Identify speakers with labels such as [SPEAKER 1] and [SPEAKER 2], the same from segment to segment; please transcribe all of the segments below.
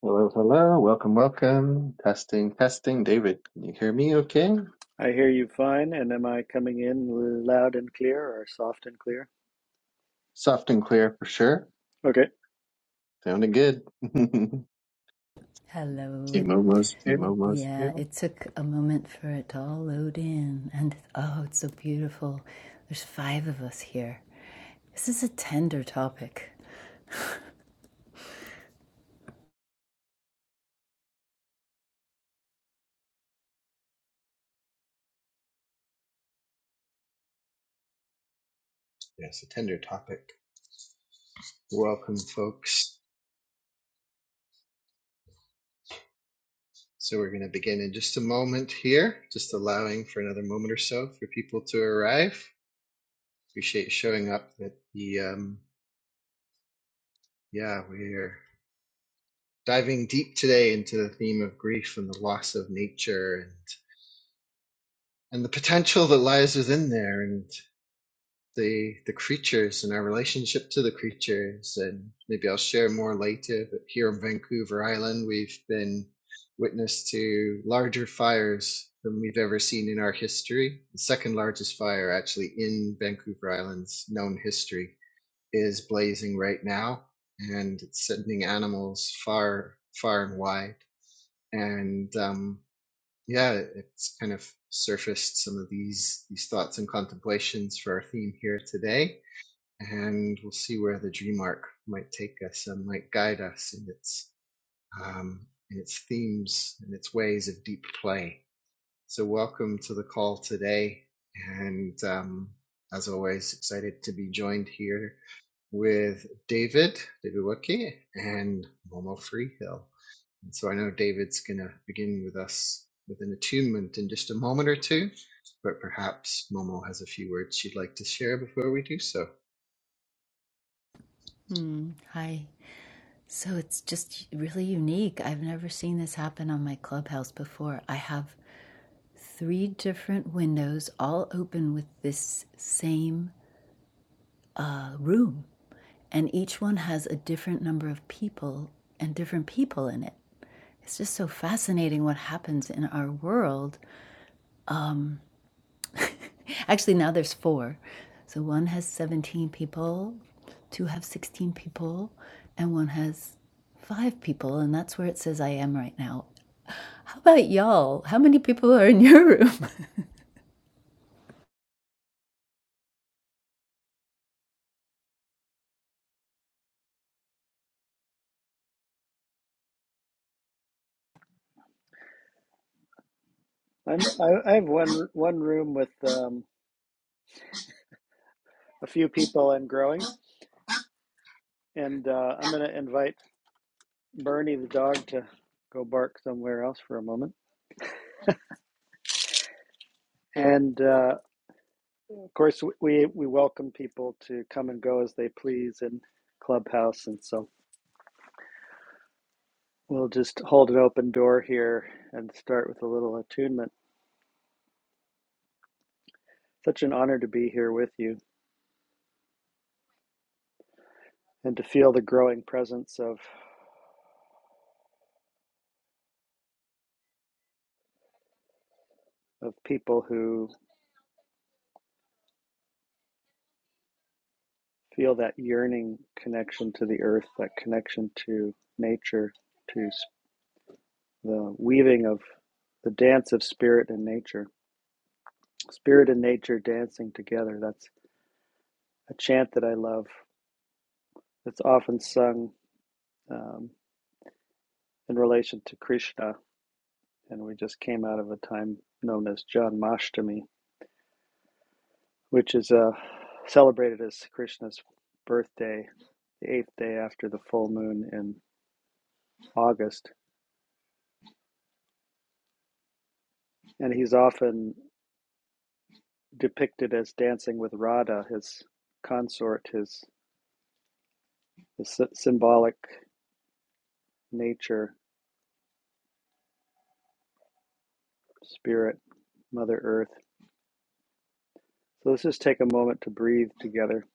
[SPEAKER 1] Hello, hello, welcome, welcome. Testing, testing. David, can you hear me okay?
[SPEAKER 2] I hear you fine, and am I coming in loud and clear or soft and clear?
[SPEAKER 1] Soft and clear for sure.
[SPEAKER 2] Okay.
[SPEAKER 1] Sounding good. See
[SPEAKER 3] Hello. Team here.
[SPEAKER 1] Momo's here.
[SPEAKER 3] Yeah, it took a moment for it to all load in. And oh, it's so beautiful. There's five of us here. This is a tender topic.
[SPEAKER 1] Yes, a tender topic. Welcome, folks. So we're going to begin in just a moment here, just allowing for another moment or so for people to arrive. Appreciate showing up at the, um, yeah, we're diving deep today into the theme of grief and the loss of nature and, and the potential that lies within there. and. the the creatures and our relationship to the creatures and maybe I'll share more later but here on Vancouver Island we've been witness to larger fires than we've ever seen in our history the second largest fire actually in Vancouver Island's known history is blazing right now and it's sending animals far far and wide and um yeah it's kind of surfaced some of these these thoughts and contemplations for our theme here today and we'll see where the dream arc might take us and might guide us in its um, in its themes and its ways of deep play. So welcome to the call today, and um, as always, excited to be joined here with David David Wicke and Momo Freehill. And so I know David's going to begin with us with an attunement in just a moment or two, but perhaps Momo has a few words she'd like to share before we do so.
[SPEAKER 3] Hmm. hi. So it's just really unique. I've never seen this happen on my clubhouse before. I have three different windows, all open with this same uh, room, and each one has a different number of people and different people in it. It's just so fascinating what happens in our world. Actually, now there's four. So one has 17 people, two have 16 people, and one has five people. And that's where it says I am right now. How about y'all? How many people are in your room?
[SPEAKER 2] I'm I, I have one one room with um, a few people and growing, and uh, I'm going to invite Bernie the dog to go bark somewhere else for a moment. And uh, of course, we we welcome people to come and go as they please in Clubhouse, and so we'll just hold an open door here and start with a little attunement. Such an honor to be here with you and to feel the growing presence of of people who feel that yearning connection to the earth, that connection to nature, to the weaving of the dance of spirit and nature. Spirit and nature dancing together. That's a chant that I love. It's often sung um, in relation to Krishna, and we just came out of a time known as John which is uh, celebrated as Krishna's birthday, the eighth day after the full moon in August and he's often depicted as dancing with Radha, his consort, his the symbolic nature, spirit, Mother Earth. So let's just take a moment to breathe together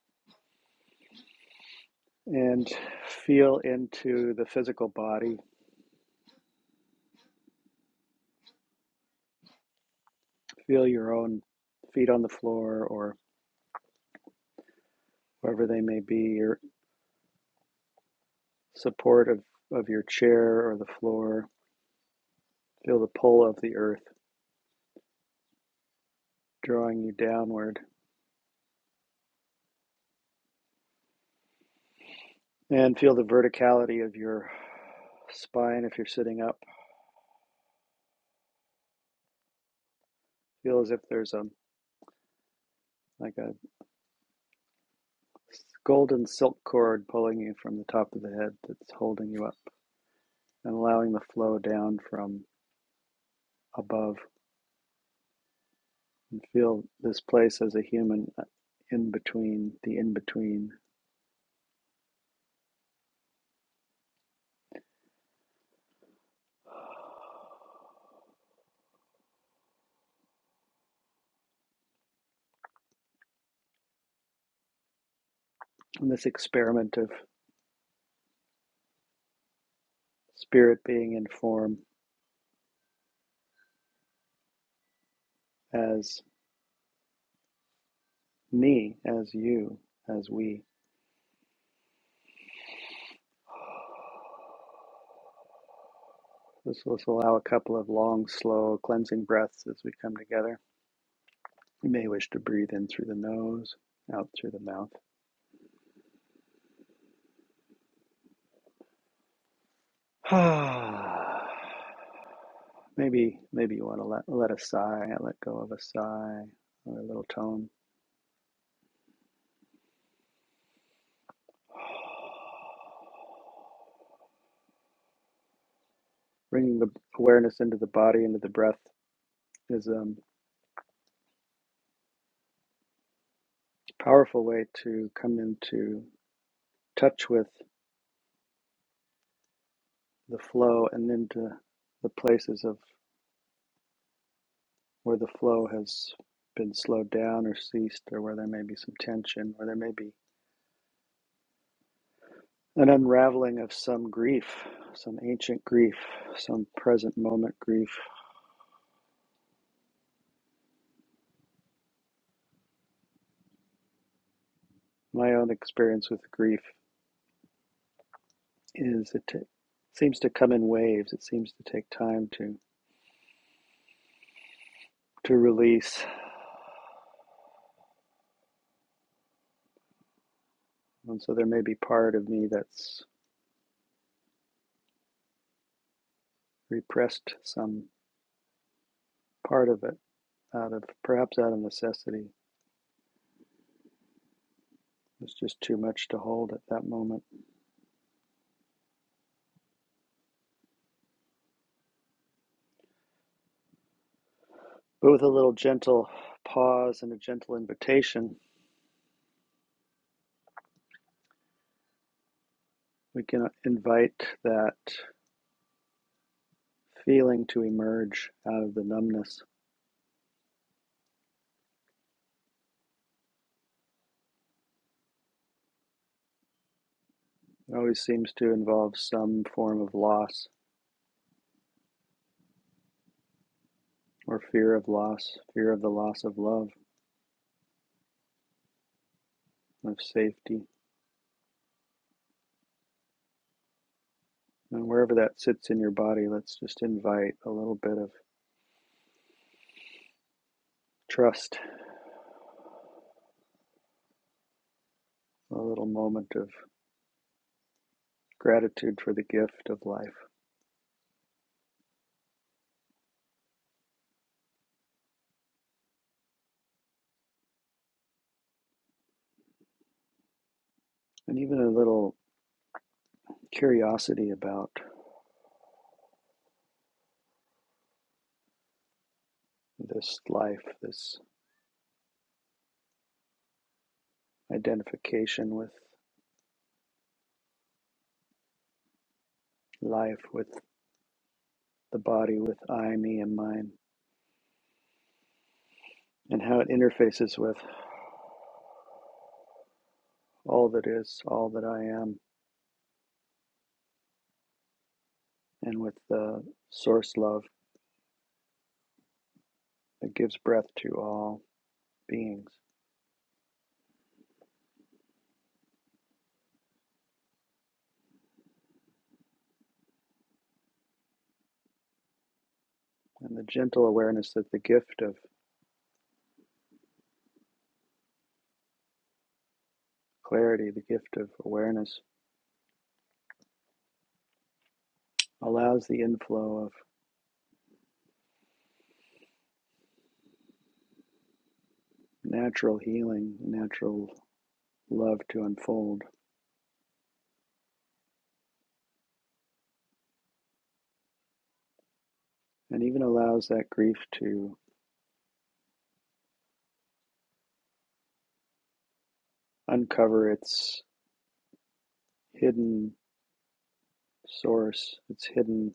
[SPEAKER 2] and feel into the physical body. Feel your own feet on the floor or wherever they may be, your support of, of your chair or the floor. Feel the pull of the earth drawing you downward and feel the verticality of your spine if you're sitting up. Feel as if there's a like a golden silk cord pulling you from the top of the head that's holding you up and allowing the flow down from above and feel this place as a human uh, in between the in between and this experiment of spirit being in form as me as you as we this let's allow a couple of long slow cleansing breaths as we come together you may wish to breathe in through the nose out through the mouth Maybe maybe you want to let let a sigh, let go of a sigh or a little tone. Bringing the awareness into the body, into the breath is um, a powerful way to come into touch with the flow and into the places of where the flow has been slowed down or ceased or where there may be some tension or there may be an unraveling of some grief, some ancient grief, some present moment grief. My own experience with grief is it ta seems to come in waves. It seems to take time to to release, and so there may be part of me that's repressed some part of it out of perhaps out of necessity. It's just too much to hold at that moment. But with a little gentle pause and a gentle invitation, we can invite that feeling to emerge out of the numbness. It always seems to involve some form of loss or fear of loss, fear of the loss of love, of safety, And wherever that sits in your body, let's just invite a little bit of trust, a little moment of gratitude for the gift of life, and even a little curiosity about this life, this identification with life, with the body, with I, me, and mine, and how it interfaces with all that is, all that I am, and with the source love that gives breath to all beings, and the gentle awareness that the gift of Clarity, the gift of awareness, allows the inflow of natural healing, natural love to unfold, and even allows that grief to uncover its hidden source, its hidden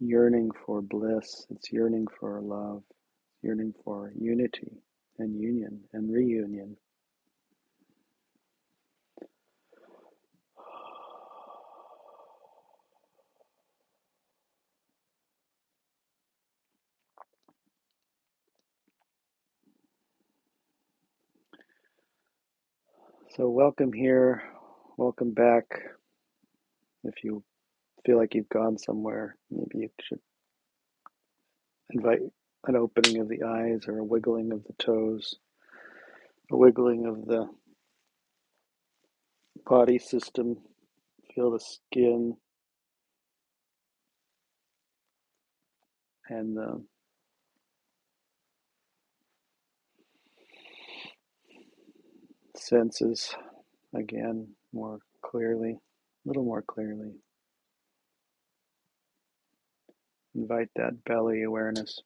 [SPEAKER 2] yearning for bliss, its yearning for love, yearning for unity and union and reunion. So, welcome here, welcome back. If you feel like you've gone somewhere, maybe you should invite an opening of the eyes or a wiggling of the toes, a wiggling of the body system. Feel the skin and the senses again more clearly, a little more clearly. Invite that belly awareness.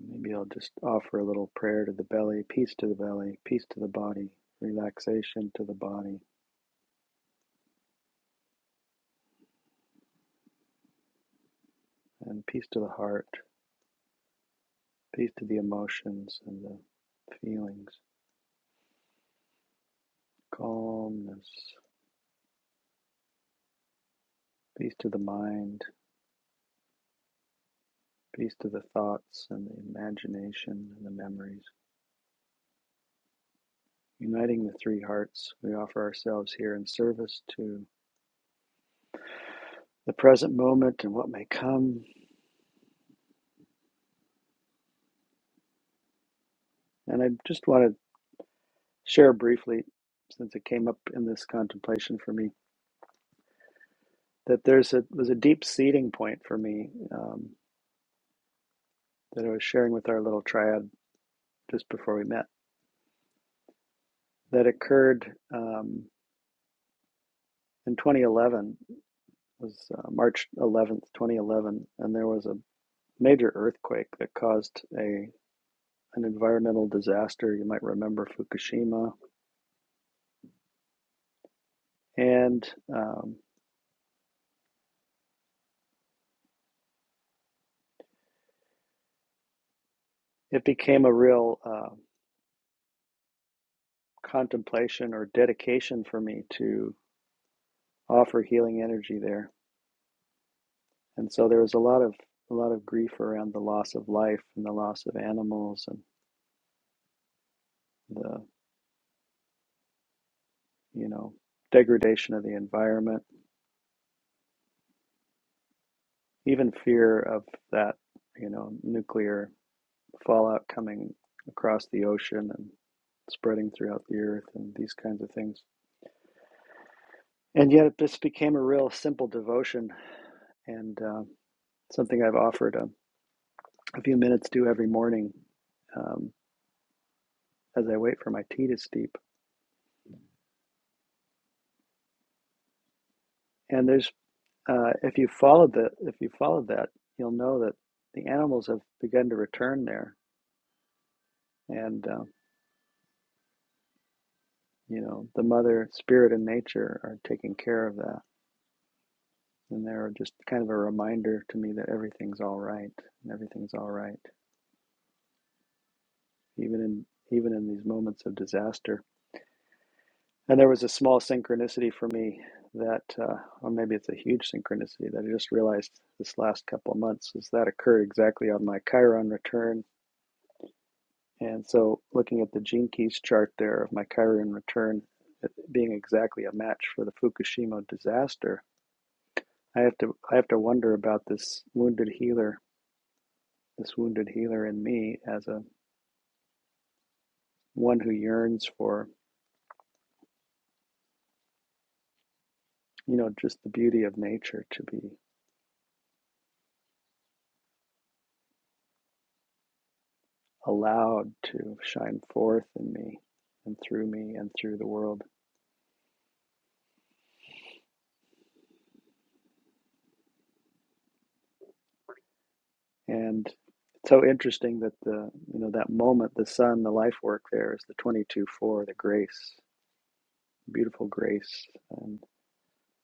[SPEAKER 2] Maybe I'll just offer a little prayer to the belly, peace to the belly, peace to the body, relaxation to the body, and peace to the heart, peace to the emotions and the feelings, calmness, peace to the mind, Peace to the thoughts and the imagination and the memories. Uniting the three hearts, we offer ourselves here in service to the present moment and what may come. And I just want to share briefly, since it came up in this contemplation for me, that there's a was a deep seeding point for me um, that I was sharing with our little triad just before we met. That occurred um, in 2011. It was uh, March 11th, 2011, and there was a major earthquake that caused a an environmental disaster. You might remember Fukushima. And um, it became a real uh, contemplation or dedication for me to offer healing energy there. And so there was a lot of a lot of grief around the loss of life and the loss of animals and the you know degradation of the environment, even fear of that you know nuclear fallout coming across the ocean and spreading throughout the earth and these kinds of things. And yet, this became a real simple devotion and uh, something I've offered a, a few minutes to every morning um, as I wait for my tea to steep. And there's, uh, if you followed the, if you followed that, you'll know that the animals have begun to return there, and uh, you know the mother spirit and nature are taking care of that, and they're just kind of a reminder to me that everything's all right, and everything's all right, even in even in these moments of disaster And there was a small synchronicity for me that, uh, or maybe it's a huge synchronicity that I just realized this last couple of months is that occurred exactly on my Chiron return. And so looking at the Gene Keys chart there of my Chiron return it being exactly a match for the Fukushima disaster, I have to I have to wonder about this wounded healer, this wounded healer in me as a one who yearns for, you know, just the beauty of nature to be allowed to shine forth in me and through me and through the world. And it's so interesting that the you know that moment, the sun, the life work there is the twenty two four, the grace, beautiful grace, and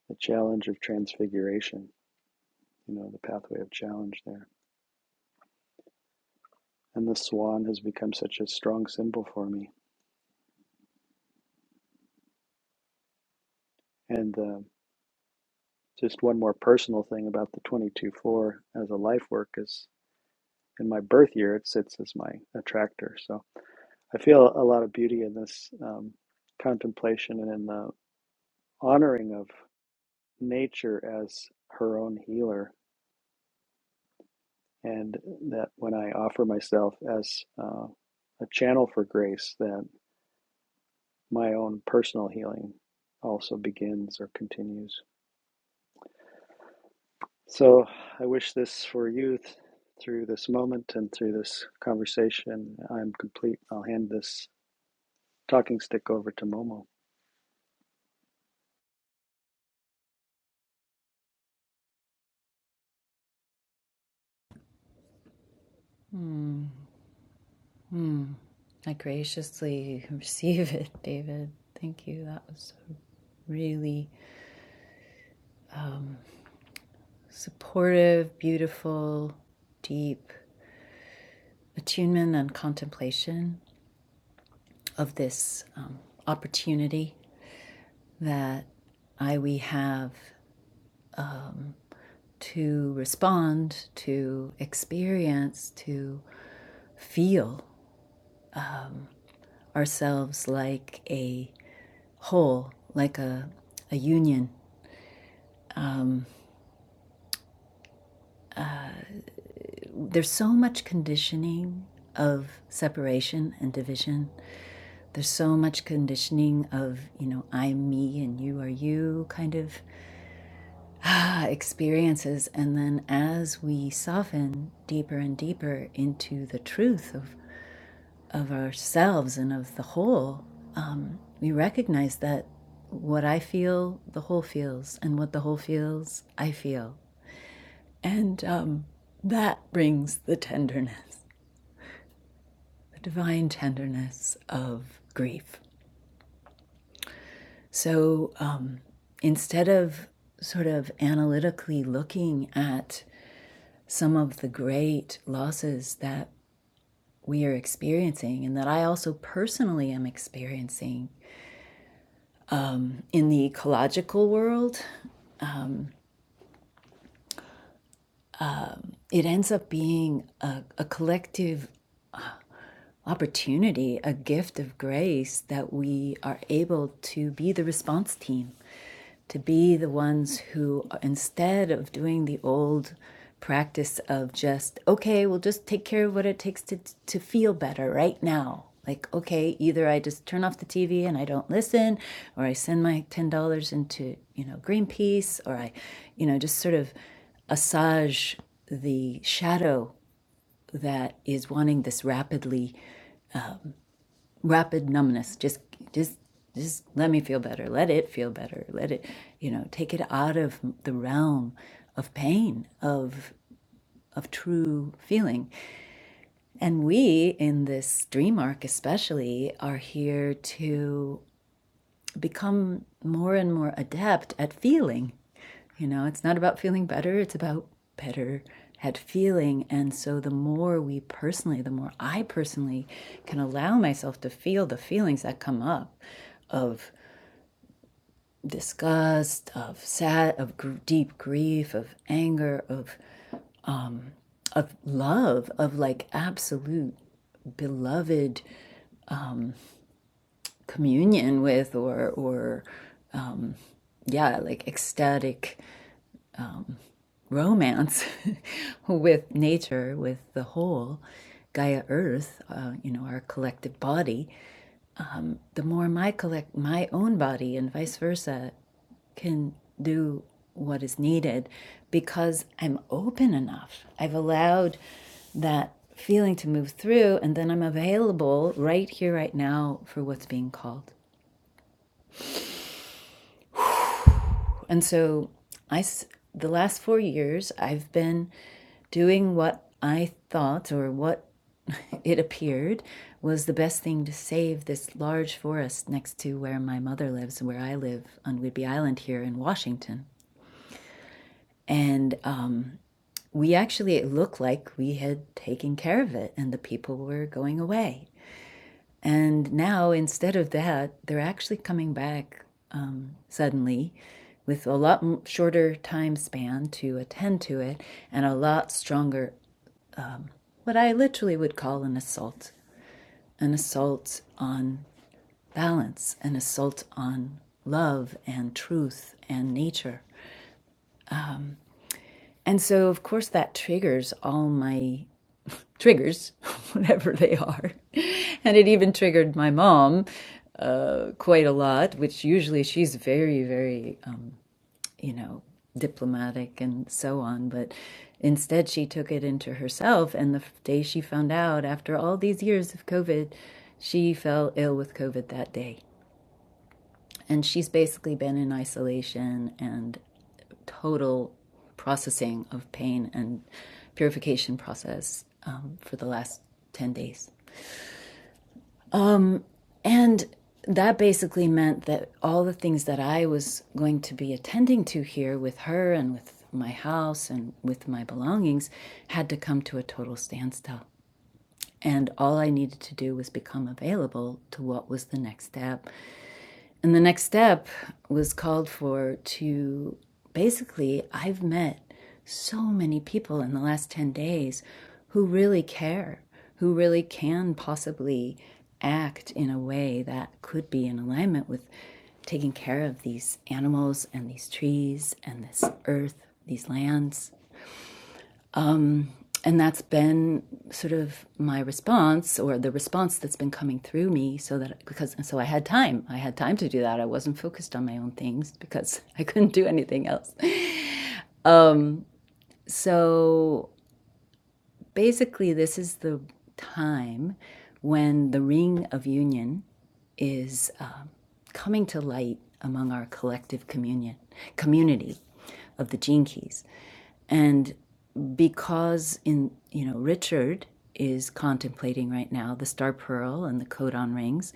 [SPEAKER 2] the challenge of transfiguration. You know the pathway of challenge there, and the swan has become such a strong symbol for me. And uh, just one more personal thing about the twenty two four as a life work is in my birth year it sits as my attractor. So. I feel a lot of beauty in this um, contemplation and in the honoring of nature as her own healer, and that when I offer myself as uh, a channel for grace, that my own personal healing also begins or continues. So I wish this for you th- through this moment and through this conversation. I'm complete. I'll hand this talking stick over to Momo.
[SPEAKER 3] I graciously receive it, David. Thank you. That was really supportive, beautiful, deep attunement and contemplation of this um, opportunity that I we have to respond, to experience, to feel ourselves like a whole, like a, a union. There's so much conditioning of separation and division. There's so much conditioning of, you know, I'm me and you are you kind of ah, experiences. And then as we soften deeper and deeper into the truth of of ourselves and of the whole, um, we recognize that what I feel, the whole feels, and what the whole feels, I feel. And um, that brings the tenderness, the divine tenderness of grief. So um, instead of sort of analytically looking at some of the great losses that we are experiencing and that I also personally am experiencing in the ecological world, it ends up being a, a collective opportunity, a gift of grace that we are able to be the response team, to be the ones who, instead of doing the old practice of just, okay, we'll just take care of what it takes to, to feel better right now. Like, okay, either I just turn off the TV and I don't listen, or I send my $10 into, you know, Greenpeace, or I, you know, just sort of assage the shadow that is wanting this rapidly rapid numbness just just just let me feel better let it feel better let it you know take it out of the realm of pain of of true feeling and we in this dream arc especially are here to. become more and more adept at feeling. You know, it's not about feeling better, it's about better at feeling. And so, the more we personally, the more I personally can allow myself to feel the feelings that come up of disgust, of sad, of gr- deep grief, of anger, of of love, of like absolute beloved communion with or or yeah like ecstatic romance with nature, with the whole Gaia Earth, uh, you know, our collective body, the more my collect my own body and vice versa can do what is needed because I'm open enough. I've allowed that feeling to move through and then I'm available right here right now for what's being called. And so I the last 4 years I've been doing what I thought or what it appeared, was the best thing to save this large forest next to where my mother lives and where I live on Whidbey Island here in Washington. And um, we actually, it looked like we had taken care of it and the people were going away. And now, instead of that, they're actually coming back um, suddenly with a lot shorter time span to attend to it and a lot stronger, what I literally would call an assault an assault on balance, an assault on love and truth and nature. And so, of course, that triggers all my triggers, whatever they are. And it even triggered my mom quite a lot, which usually she's very, very, um, you know, diplomatic and so on. But instead, she took it into herself. And the day she found out, after all these years of COVID, she fell ill with COVID that day. And she's basically been in isolation and total processing of pain and purification process um, for the last 10 days. And that basically meant that all the things that I was going to be attending to here with her and with my house and with my belongings had to come to a total standstill. And all I needed to do was become available to what was the next step And the next step was called for to basically, I've met so many people in the last 10 days who really care, who really can possibly act in a way that could be in alignment with taking care of these animals and these trees and this earth, these lands and that's been sort of my response or the response that's been coming through me so that because and so i had time i had time to do that i wasn't focused on my own things because i couldn't do anything else so basically this is the time when the ring of union is uh, coming to light among our collective communion community of the gene keys And because in you know Richard is contemplating right now the star pearl and the codon rings,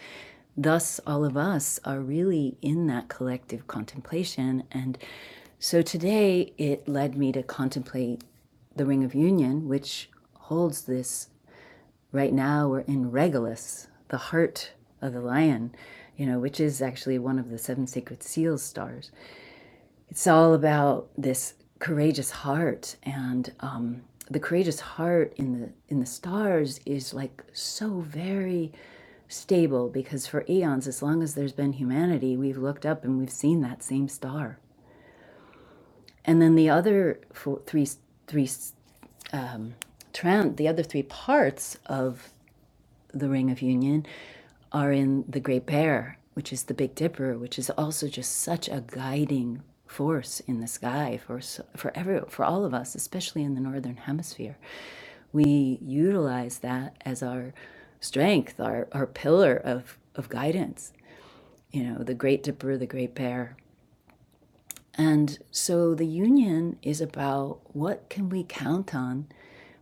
[SPEAKER 3] thus all of us are really in that collective contemplation. And so today it led me to contemplate the ring of union, which holds this. Right now we're in Regulus, the heart of the lion, you know, which is actually one of the seven sacred seals stars. It's all about this courageous heart, and um, the courageous heart in the in the stars is like so very stable because for eons, as long as there's been humanity, we've looked up and we've seen that same star. And then the other four, three, three, trend, the other three parts of the Ring of Union are in the Great Bear, which is the Big Dipper, which is also just such a guiding force in the sky for for every for all of us, especially in the northern hemisphere. We utilize that as our strength, our our pillar of of guidance. You know, the Great Dipper, the Great Bear. And so the union is about what can we count on?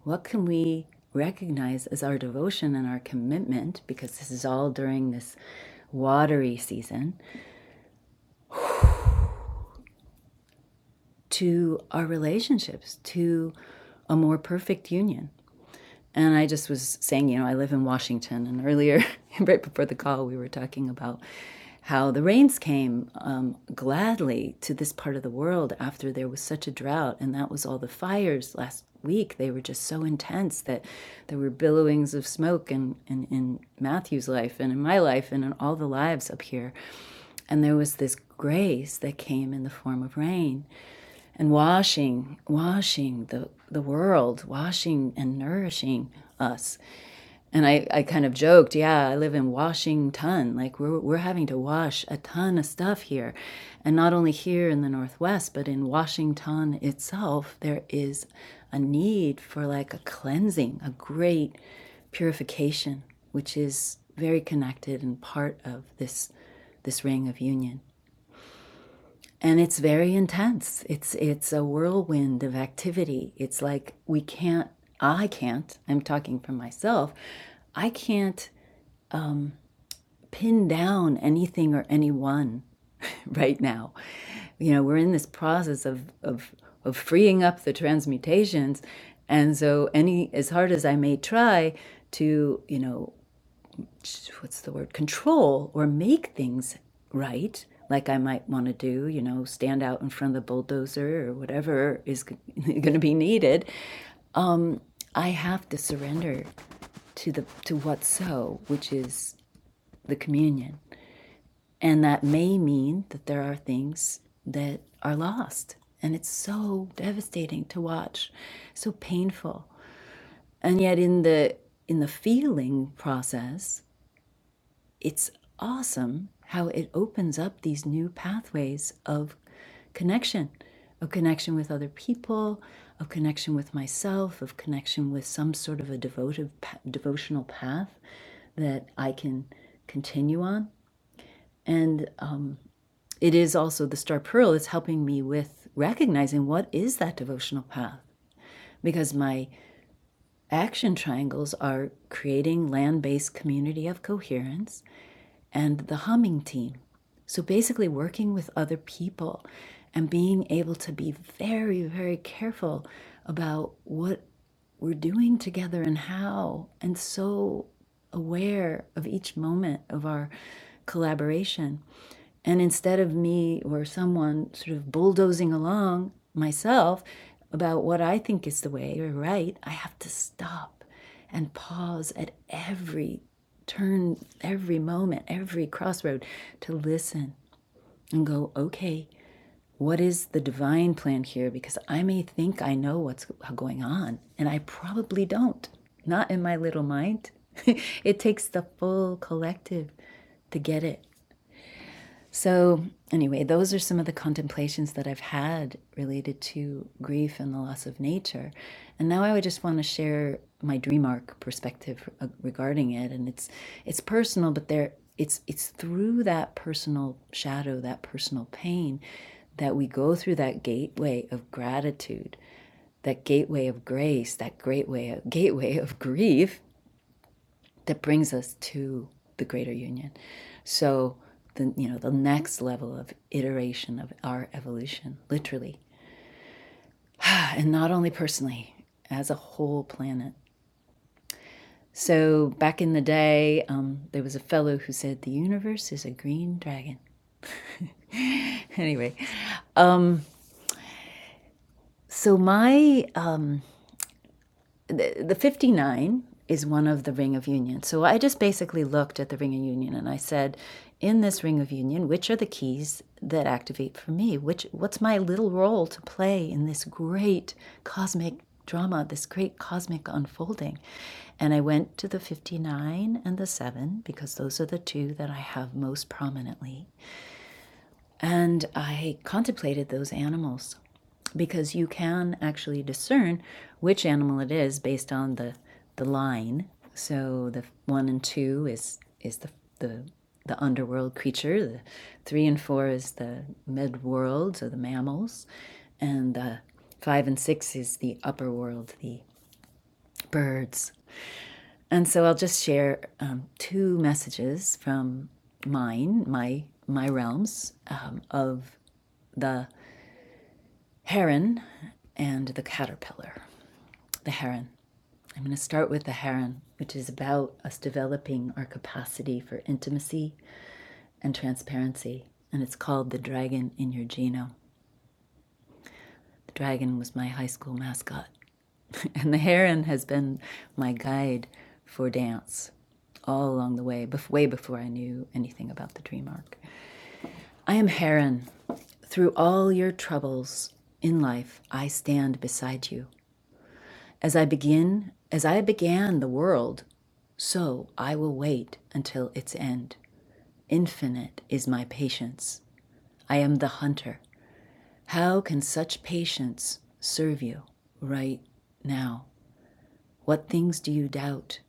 [SPEAKER 3] What can we recognize as our devotion and our commitment? Because this is all during this watery season to our relationships, to a more perfect union. And I just was saying, you know, I live in Washington. And earlier, right before the call, we were talking about how the rains came um, gladly to this part of the world after there was such a drought. And that was all the fires last week. They were just so intense that there were billowings of smoke in, in, in Matthew's life and in my life and in all the lives up here. And there was this grace that came in the form of rain and washing, washing the, the world, washing and nourishing us and I, I kind of joked, yeah, I live in Washington. Like we're we're having to wash a ton of stuff here. And not only here in the Northwest, but in Washington itself, there is a need for like a cleansing, a great purification, which is very connected and part of this this ring of union. And it's very intense. It's it's a whirlwind of activity. It's like we can't I can't, I'm talking for myself, I can't pin down anything or anyone right now. You know, we're in this process of of of freeing up the transmutations, and so any as hard as I may try to, you know, what's the word, control or make things right, like I might want to do, you know, stand out in front of the bulldozer or whatever is going to be needed, I have to surrender to the to what's so, which is the communion And that may mean that there are things that are lost. And it's so devastating to watch, so painful. And yet in the in the feeling process, it's awesome how it opens up these new pathways of connection, of connection with other people, of connection with myself, of connection with some sort of a devotive, devotional path that I can continue on. And it is also the star pearl that's helping me with recognizing what is that devotional path because my action triangles are creating land-based community of coherence and the humming team so basically working with other people and being able to be very very careful about what we're doing together and how and so aware of each moment of our collaboration and instead of me or someone sort of bulldozing along myself about what I think is the way or right, I have to stop and pause at every turn, every moment, every crossroad to listen and go, okay, what is the divine plan here? Because I may think I know what's going on, and I probably don't, not in my little mind. it takes the full collective to get it. So, anyway, those are some of the contemplations that I've had related to grief and the loss of nature. And now I would just want to share my dream arc perspective uh, regarding it and it's it's personal but there it's it's through that personal shadow, that personal pain that we go through that gateway of gratitude, that gateway of grace, that gateway of, gateway of grief that brings us to the greater union. So the you know the next level of iteration of our evolution, literally, and not only personally, as a whole planet. So back in the day, um, there was a fellow who said the universe is a green dragon. Anyway, so my uh, The, the 59 is one of the Ring of Union. So I just basically looked at the Ring of Union and I said, in this Ring of Union, which are the keys that activate for me? Which what's my little role to play in this great cosmic drama, this great cosmic unfolding? And I went to the 59 and the 7 because those are the two that I have most prominently. And I contemplated those animals because you can actually discern which animal it is based on the the line. So the one and two is is the the the underworld creature. The three and four is the mid world, so the mammals, and the five and six is the upper world, the birds. And so I'll just share um, two messages from mine, my my realms um, of the heron and the caterpillar. The heron. I'm going to start with the Heron, which is about us developing our capacity for intimacy and transparency. And it's called The Dragon in Your Genome. The dragon was my high school mascot. And the Heron has been my guide for dance all along the way, bef- way before I knew anything about the dream arc. I am Heron. Through all your troubles in life, I stand beside you. As I begin, as I began the world, so I will wait until its end. Infinite is my patience. I am the hunter. How can such patience serve you right now? What things do you doubt?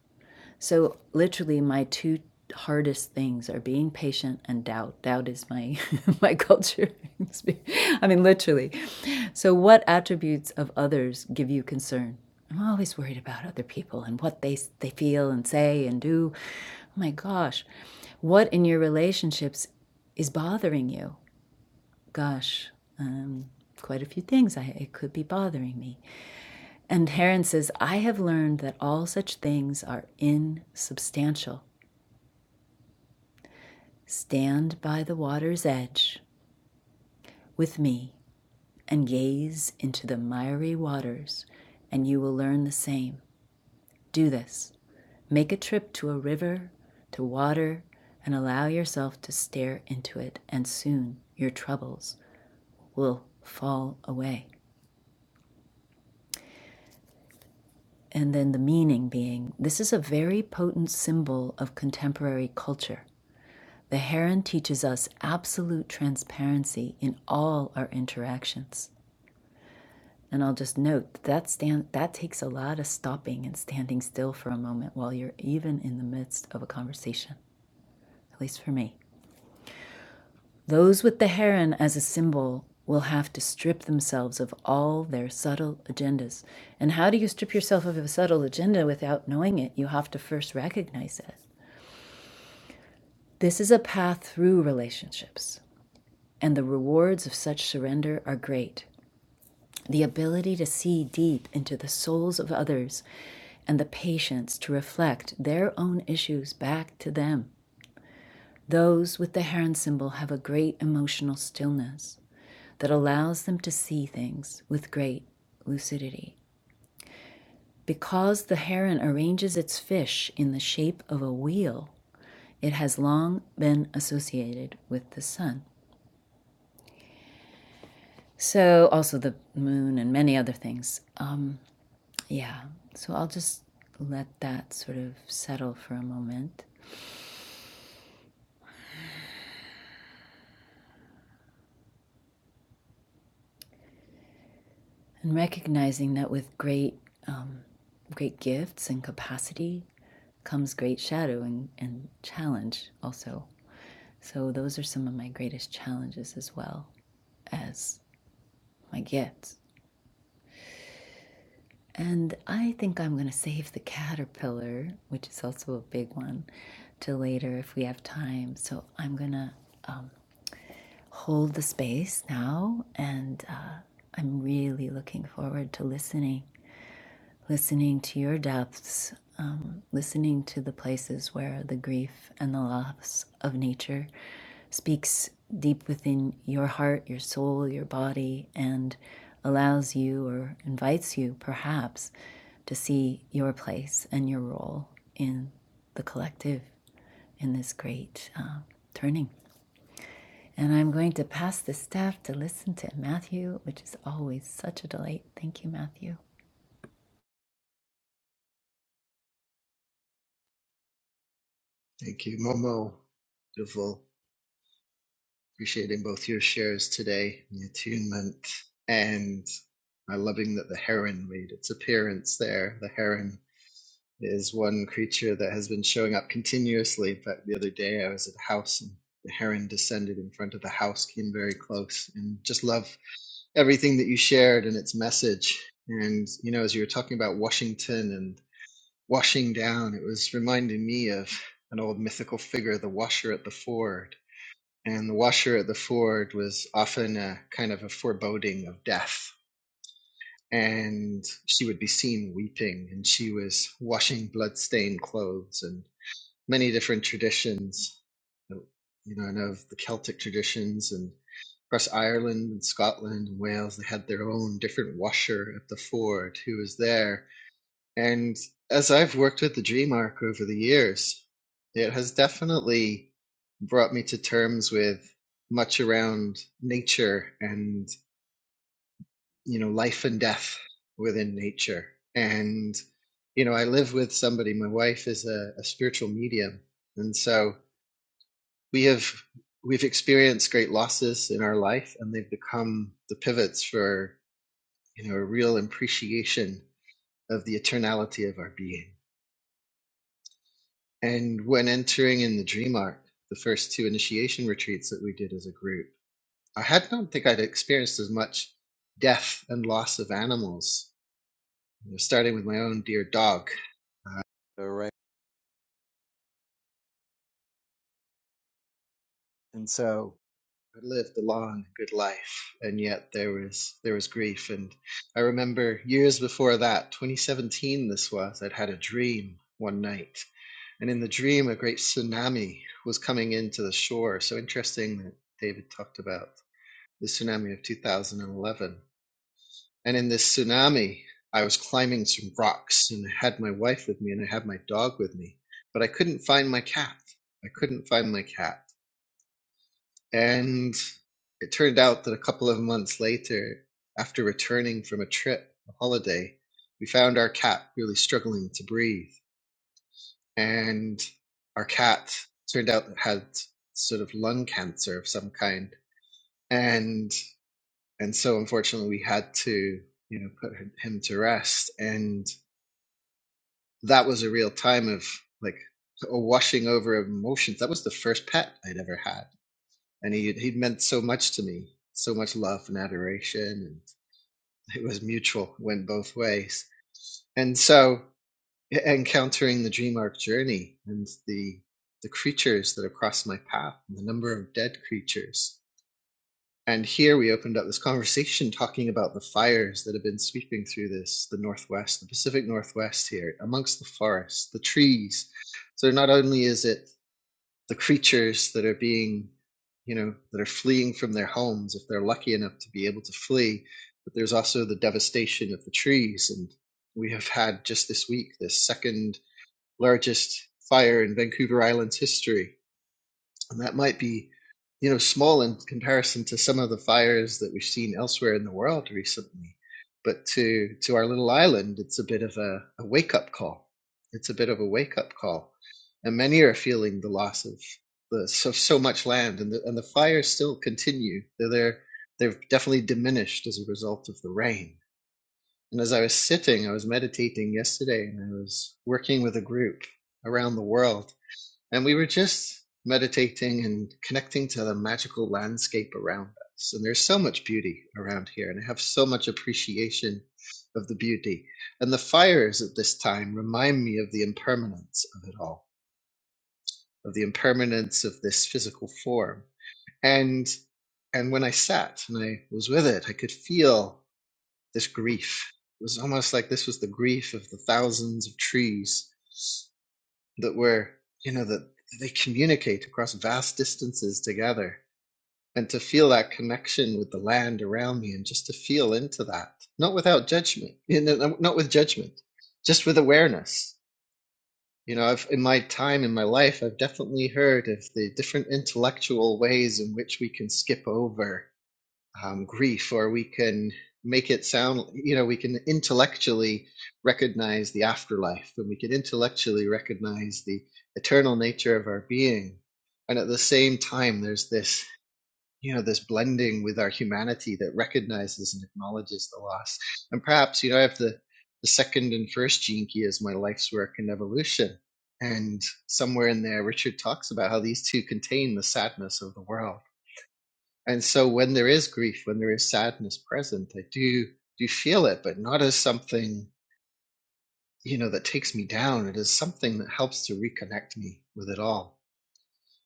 [SPEAKER 3] So, literally, my two hardest things are being patient and doubt. Doubt is my my culture. I mean, literally. So, what attributes of others give you concern? I'm always worried about other people and what they they feel and say and do. Oh my gosh, what in your relationships is bothering you? Gosh, um, quite a few things. I, it could be bothering me. And Heron says, I have learned that all such things are insubstantial. Stand by the water's edge with me and gaze into the miry waters, and you will learn the same. Do this. Make a trip to a river, to water, and allow yourself to stare into it, and soon your troubles will fall away. And then the meaning being this is a very potent symbol of contemporary culture. The heron teaches us absolute transparency in all our interactions. And I'll just note that that stand that takes a lot of stopping and standing still for a moment while you're even in the midst of a conversation, at least for me. Those with the heron as a symbol will have to strip themselves of all their subtle agendas. And how do you strip yourself of a subtle agenda without knowing it? You have to first recognize it. This is a path through relationships, and the rewards of such surrender are great. the ability to see deep into the souls of others, and the patience to reflect their own issues back to them. Those with the heron symbol have a great emotional stillness that allows them to see things with great lucidity. Because the heron arranges its fish in the shape of a wheel, it has long been associated with the sun. So, also the moon and many other things. Um, Yeah. So I'll just let that sort of settle for a moment and recognizing that with great, great gifts and capacity comes great shadow and, and challenge also. So those are some of my greatest challenges as well as my gifts. And I think I'm going to save the caterpillar, which is also a big one, to later if we have time. So I'm going to hold the space now. And uh, I'm really looking forward to listening, listening to your depths, um, listening to the places where the grief and the loss of nature speaks deep within your heart, your soul, your body, and allows you or invites you perhaps to see your place and your role in the collective in this great uh, turning. And I'm going to pass the staff to listen to Matthew, which is always such a delight. Thank you, Matthew.
[SPEAKER 1] Thank you, Momo. Beautiful. Appreciating both your shares today, and the attunement, and my loving that the heron made its appearance there. The heron is one creature that has been showing up continuously. In fact, the other day I was at a house and the heron descended in front of the house, came very close, and just love everything that you shared and its message. And, you know, as you were talking about Washington and washing down, it was reminding me of an old mythical figure, the washer at the ford And the washer at the ford was often a kind of a foreboding of death. And she would be seen weeping, and she was washing blood-stained clothes, and many different traditions. You know, I of the Celtic traditions, and across Ireland and Scotland and Wales, they had their own different washer at the ford who was there and as I've worked with the dream arc over the years, it has definitely brought me to terms with much around nature and, you know, life and death within nature. And, you know, I live with somebody, my wife is a, a spiritual medium. And so we have, we've experienced great losses in our life and they've become the pivots for, you know, a real appreciation of the eternality of our being And when entering in the Dream Arc, the first two initiation retreats that we did as a group, I had don't think I'd experienced as much death and loss of animals, you know, starting with my own dear dog. All right. And so I lived a long, good life, and yet there was there was grief. And I remember years before that, 2017, this was. I'd had a dream one night, and in the dream, a great tsunami was coming into the shore. So interesting that David talked about the tsunami of 2011. And in this tsunami, I was climbing some rocks and I had my wife with me and I had my dog with me, but I couldn't find my cat. I couldn't find my cat. And it turned out that a couple of months later, after returning from a trip, a holiday, we found our cat really struggling to breathe. And our cat turned out had sort of lung cancer of some kind. And and so unfortunately we had to you know put him to rest and that was a real time of like a washing over of emotions that was the first pet i'd ever had and he he meant so much to me so much love and adoration and it was mutual went both ways and so e- encountering the dream arc journey and the the creatures that have crossed my path and the number of dead creatures And here we opened up this conversation talking about the fires that have been sweeping through this, the Northwest, the Pacific Northwest here, amongst the forests, the trees. So not only is it the creatures that are being, you know, that are fleeing from their homes, if they're lucky enough to be able to flee, but there's also the devastation of the trees. And we have had just this week the second largest fire in Vancouver Island's history and that might be, you know, small in comparison to some of the fires that we've seen elsewhere in the world recently. But to, to our little island, it's a bit of a, a wake up call. It's a bit of a wake up call. And many are feeling the loss of the, so, so much land, and the, and the fires still continue. They're, there, they've definitely diminished as a result of the rain. And as I was sitting, I was meditating yesterday, and I was working with a group around the world and we were just meditating and connecting to the magical landscape around us. And there's so much beauty around here, and I have so much appreciation of the beauty. And the fires at this time remind me of the impermanence of it all, of the impermanence of this physical form. And and when I sat and I was with it, I could feel this grief. It was almost like this was the grief of the thousands of trees that we're you know that they communicate across vast distances together and to feel that connection with the land around me and just to feel into that not without judgment you know, not with judgment just with awareness you know I've, in my time in my life i've definitely heard of the different intellectual ways in which we can skip over um, grief, or we can make it sound, you know, we can intellectually recognize the afterlife and we can intellectually recognize the eternal nature of our being. And at the same time, there's this, you know, this blending with our humanity that recognizes and acknowledges the loss. And perhaps, you know, I have the, the second and first gene key as my life's work and evolution. And somewhere in there, Richard talks about how these two contain the sadness of the world and so when there is grief, when there is sadness present, I do do feel it, but not as something, you know, that takes me down. It is something that helps to reconnect me with it all.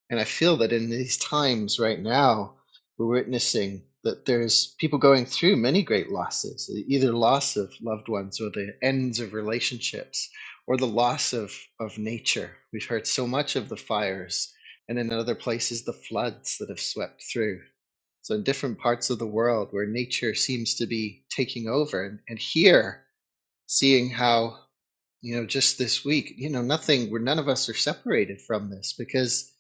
[SPEAKER 1] And I feel that in these times right now, we're witnessing that there's people going through many great losses, either loss of loved ones or the ends of relationships or the loss of, of nature. We've heard so much of the fires and in other places the floods that have swept through so in different parts of the world where nature seems to be taking over, and, and here seeing how you know just this week, you know, nothing. Where none of us are separated from this because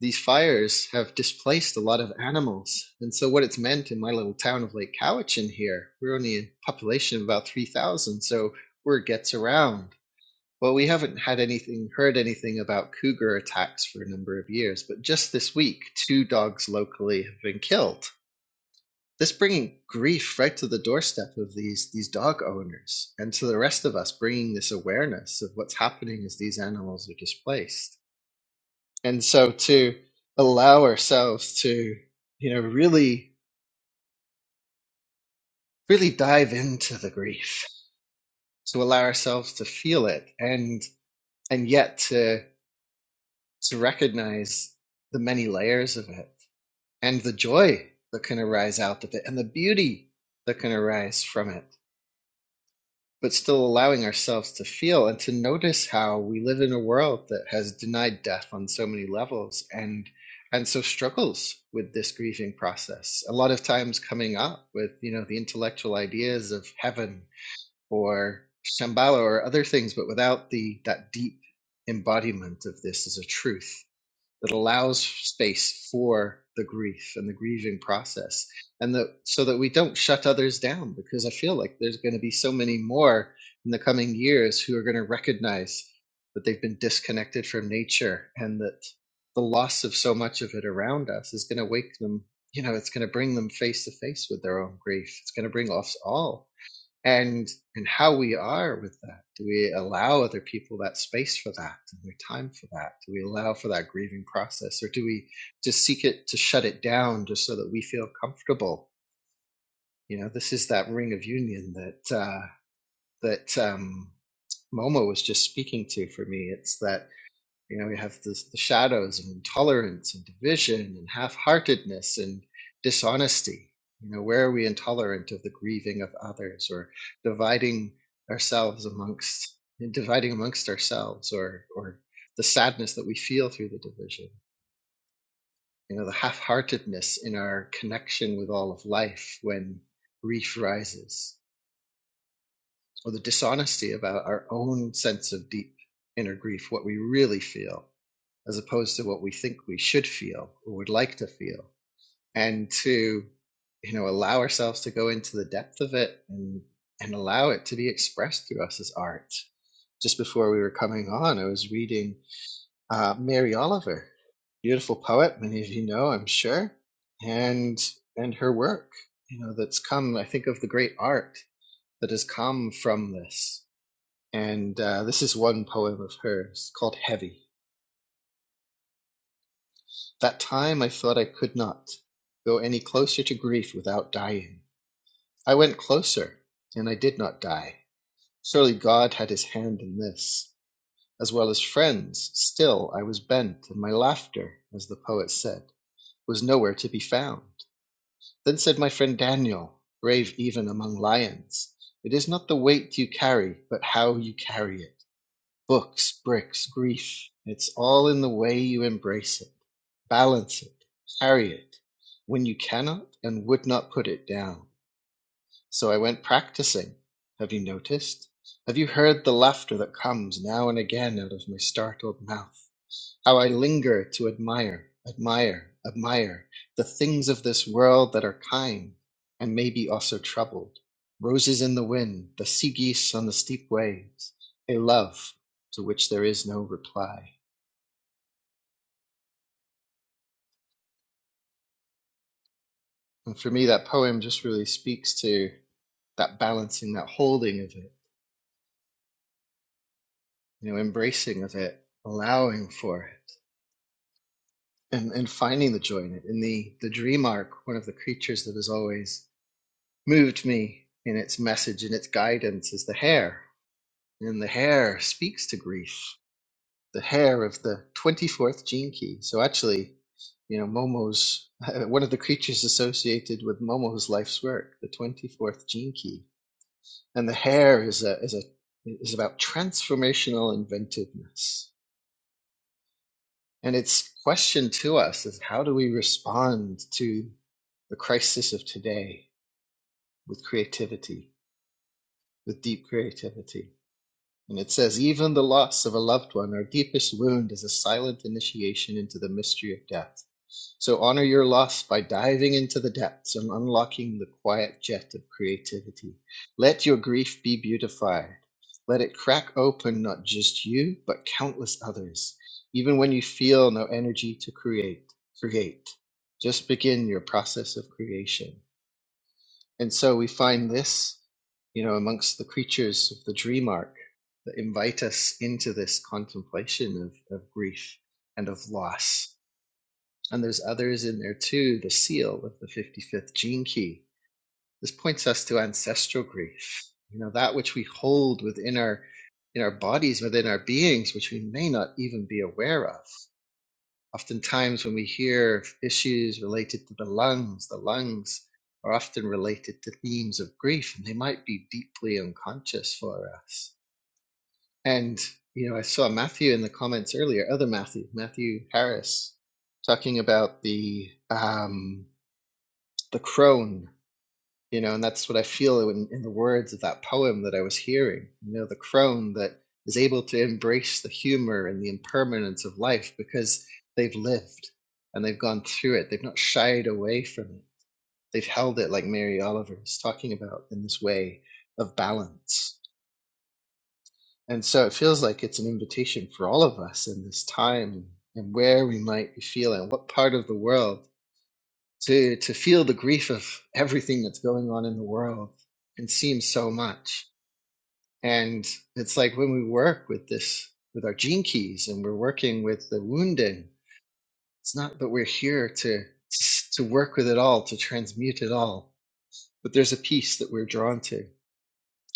[SPEAKER 1] these fires have displaced a lot of animals, and so what it's meant in my little town of Lake Cowichan here, we're only a population of about three thousand, so word gets around. Well, we haven't had anything, heard anything about cougar attacks for a number of years, but just this week, two dogs locally have been killed this bringing grief right to the doorstep of these these dog owners and to the rest of us bringing this awareness of what's happening as these animals are displaced and so to allow ourselves to you know really really dive into the grief to allow ourselves to feel it and and yet to to recognize the many layers of it and the joy that can arise out of it and the beauty that can arise from it but still allowing ourselves to feel and to notice how we live in a world that has denied death on so many levels and and so struggles with this grieving process a lot of times coming up with you know the intellectual ideas of heaven or shambhala or other things but without the that deep embodiment of this as a truth that allows space for the grief and the grieving process and that so that we don't shut others down because i feel like there's going to be so many more in the coming years who are going to recognize that they've been disconnected from nature and that the loss of so much of it around us is going to wake them you know it's going to bring them face to face with their own grief it's going to bring us all and and how we are with that do we allow other people that space for that and their time for that do we allow for that grieving process or do we just seek it to shut it down just so that we feel comfortable you know this is that ring of union that uh that um momo was just speaking to for me it's that you know, we have this, the shadows of intolerance and division and half heartedness and dishonesty. You know, where are we intolerant of the grieving of others or dividing ourselves amongst, dividing amongst ourselves or, or the sadness that we feel through the division? You know, the half heartedness in our connection with all of life when grief rises or the dishonesty about our own sense of deep inner grief, what we really feel as opposed to what we think we should feel or would like to feel and to you know allow ourselves to go into the depth of it and and allow it to be expressed through us as art just before we were coming on i was reading uh, mary oliver beautiful poet many of you know i'm sure and and her work you know that's come i think of the great art that has come from this and uh, this is one poem of hers called heavy That time I thought I could not go any closer to grief without dying. I went closer, and I did not die. Surely God had His hand in this, as well as friends. Still I was bent, and my laughter, as the poet said, was nowhere to be found. Then said my friend Daniel, brave even among lions, It is not the weight you carry, but how you carry it. Books, bricks, grief, it's all in the way you embrace it, balance it, carry it, when you cannot and would not put it down. So I went practicing. Have you noticed? Have you heard the laughter that comes now and again out of my startled mouth? How I linger to admire, admire, admire the things of this world that are kind and maybe also troubled. Roses in the wind, the sea geese on the steep waves, a love to which there is no reply. And for me, that poem just really speaks to that balancing, that holding of it, you know, embracing of it, allowing for it, and, and finding the joy in it. In the, the dream arc, one of the creatures that is always moved me in its message and its guidance is the hair. And the hair speaks to grief. The hair of the 24th gene key. So actually, you know, Momo's one of the creatures associated with Momo's life's work, the 24th gene key. And the hair is a, is a, is about transformational inventiveness. And its question to us is how do we respond to the crisis of today with creativity, with deep creativity? And it says, even the loss of a loved one, our deepest wound, is a silent initiation into the mystery of death. So honor your loss by diving into the depths and unlocking the quiet jet of creativity. Let your grief be beautified. Let it crack open not just you, but countless others. Even when you feel no energy to create, create. Just begin your process of creation. And so we find this, you know, amongst the creatures of the dream arc that invite us into this contemplation of, of grief and of loss. And there's others in there too, the seal of the 55th gene key. This points us to ancestral grief, you know, that which we hold within our in our bodies, within our beings, which we may not even be aware of. Oftentimes, when we hear issues related to the lungs, the lungs are often related to themes of grief, and they might be deeply unconscious for us. And, you know, I saw Matthew in the comments earlier, other Matthew, Matthew Harris, talking about the, um, the crone you know, and that's what I feel in, in the words of that poem that I was hearing. You know, the crone that is able to embrace the humor and the impermanence of life because they've lived and they've gone through it. They've not shied away from it. They've held it like Mary Oliver is talking about in this way of balance. And so it feels like it's an invitation for all of us in this time and where we might be feeling, what part of the world to to feel the grief of everything that's going on in the world and seems so much and it's like when we work with this with our gene keys and we're working with the wounding it's not that we're here to to work with it all to transmute it all but there's a piece that we're drawn to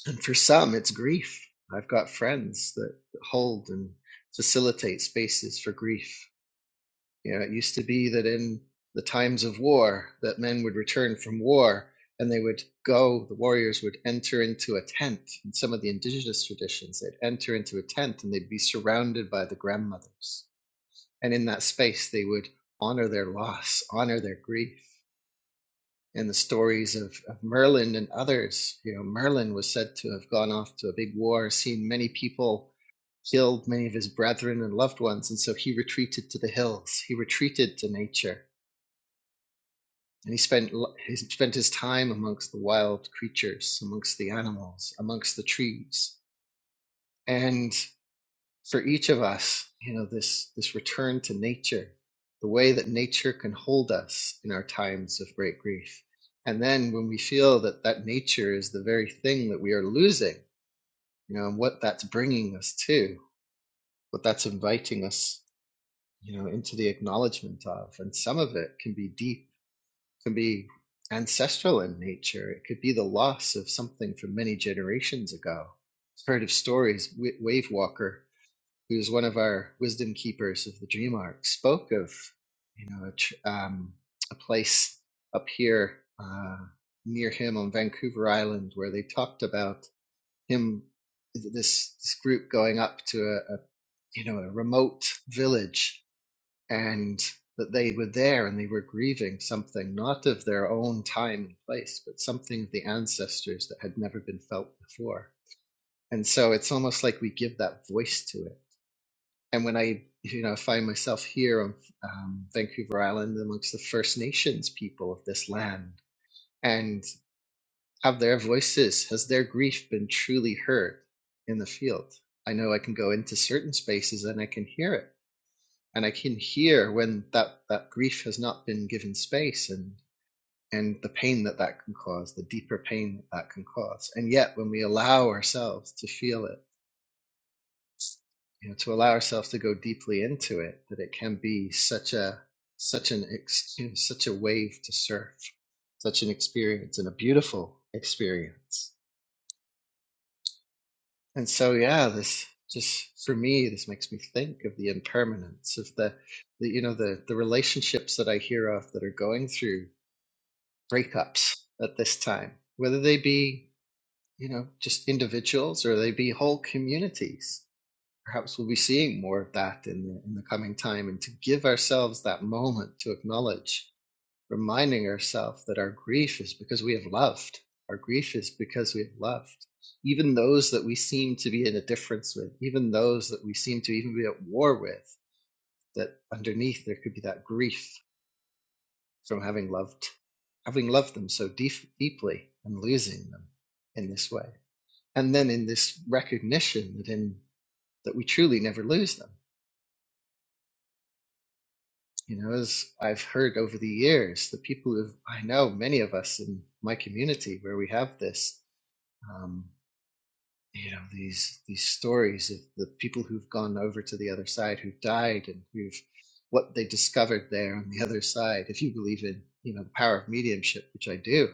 [SPEAKER 1] and for some it's grief i've got friends that hold and facilitate spaces for grief You know, it used to be that in the times of war, that men would return from war and they would go, the warriors would enter into a tent. In some of the indigenous traditions, they'd enter into a tent and they'd be surrounded by the grandmothers. And in that space, they would honor their loss, honor their grief. And the stories of, of Merlin and others, you know, Merlin was said to have gone off to a big war, seen many people killed many of his brethren and loved ones, and so he retreated to the hills. He retreated to nature. And he spent, he spent his time amongst the wild creatures, amongst the animals, amongst the trees. And for each of us, you know, this, this return to nature, the way that nature can hold us in our times of great grief. And then when we feel that that nature is the very thing that we are losing, you know, and what that's bringing us to, what that's inviting us, you know, into the acknowledgement of. And some of it can be deep can be ancestral in nature. It could be the loss of something from many generations ago. I've heard of stories. Wave Walker, who was one of our wisdom keepers of the Dream Arc, spoke of you know a, tr- um, a place up here uh, near him on Vancouver Island where they talked about him, this, this group going up to a, a you know a remote village and that they were there and they were grieving something not of their own time and place, but something of the ancestors that had never been felt before. And so it's almost like we give that voice to it. And when I, you know, find myself here on um, Vancouver Island amongst the First Nations people of this land, and have their voices, has their grief been truly heard in the field? I know I can go into certain spaces and I can hear it and I can hear when that that grief has not been given space and and the pain that that can cause, the deeper pain that that can cause. And yet, when we allow ourselves to feel it, you know, to allow ourselves to go deeply into it, that it can be such a such an you know, such a wave to surf, such an experience and a beautiful experience. And so, yeah, this just for me, this makes me think of the impermanence of the, the you know, the the relationships that I hear of that are going through breakups at this time, whether they be, you know, just individuals or they be whole communities. Perhaps we'll be seeing more of that in the, in the coming time. And to give ourselves that moment to acknowledge, reminding ourselves that our grief is because we have loved. Our grief is because we have loved. Even those that we seem to be in a difference with, even those that we seem to even be at war with, that underneath there could be that grief from having loved having loved them so deep, deeply and losing them in this way and then in this recognition that in that we truly never lose them you know as i've heard over the years the people who i know many of us in my community where we have this um, you know these these stories of the people who've gone over to the other side who've died and who've what they discovered there on the other side if you believe in you know the power of mediumship which i do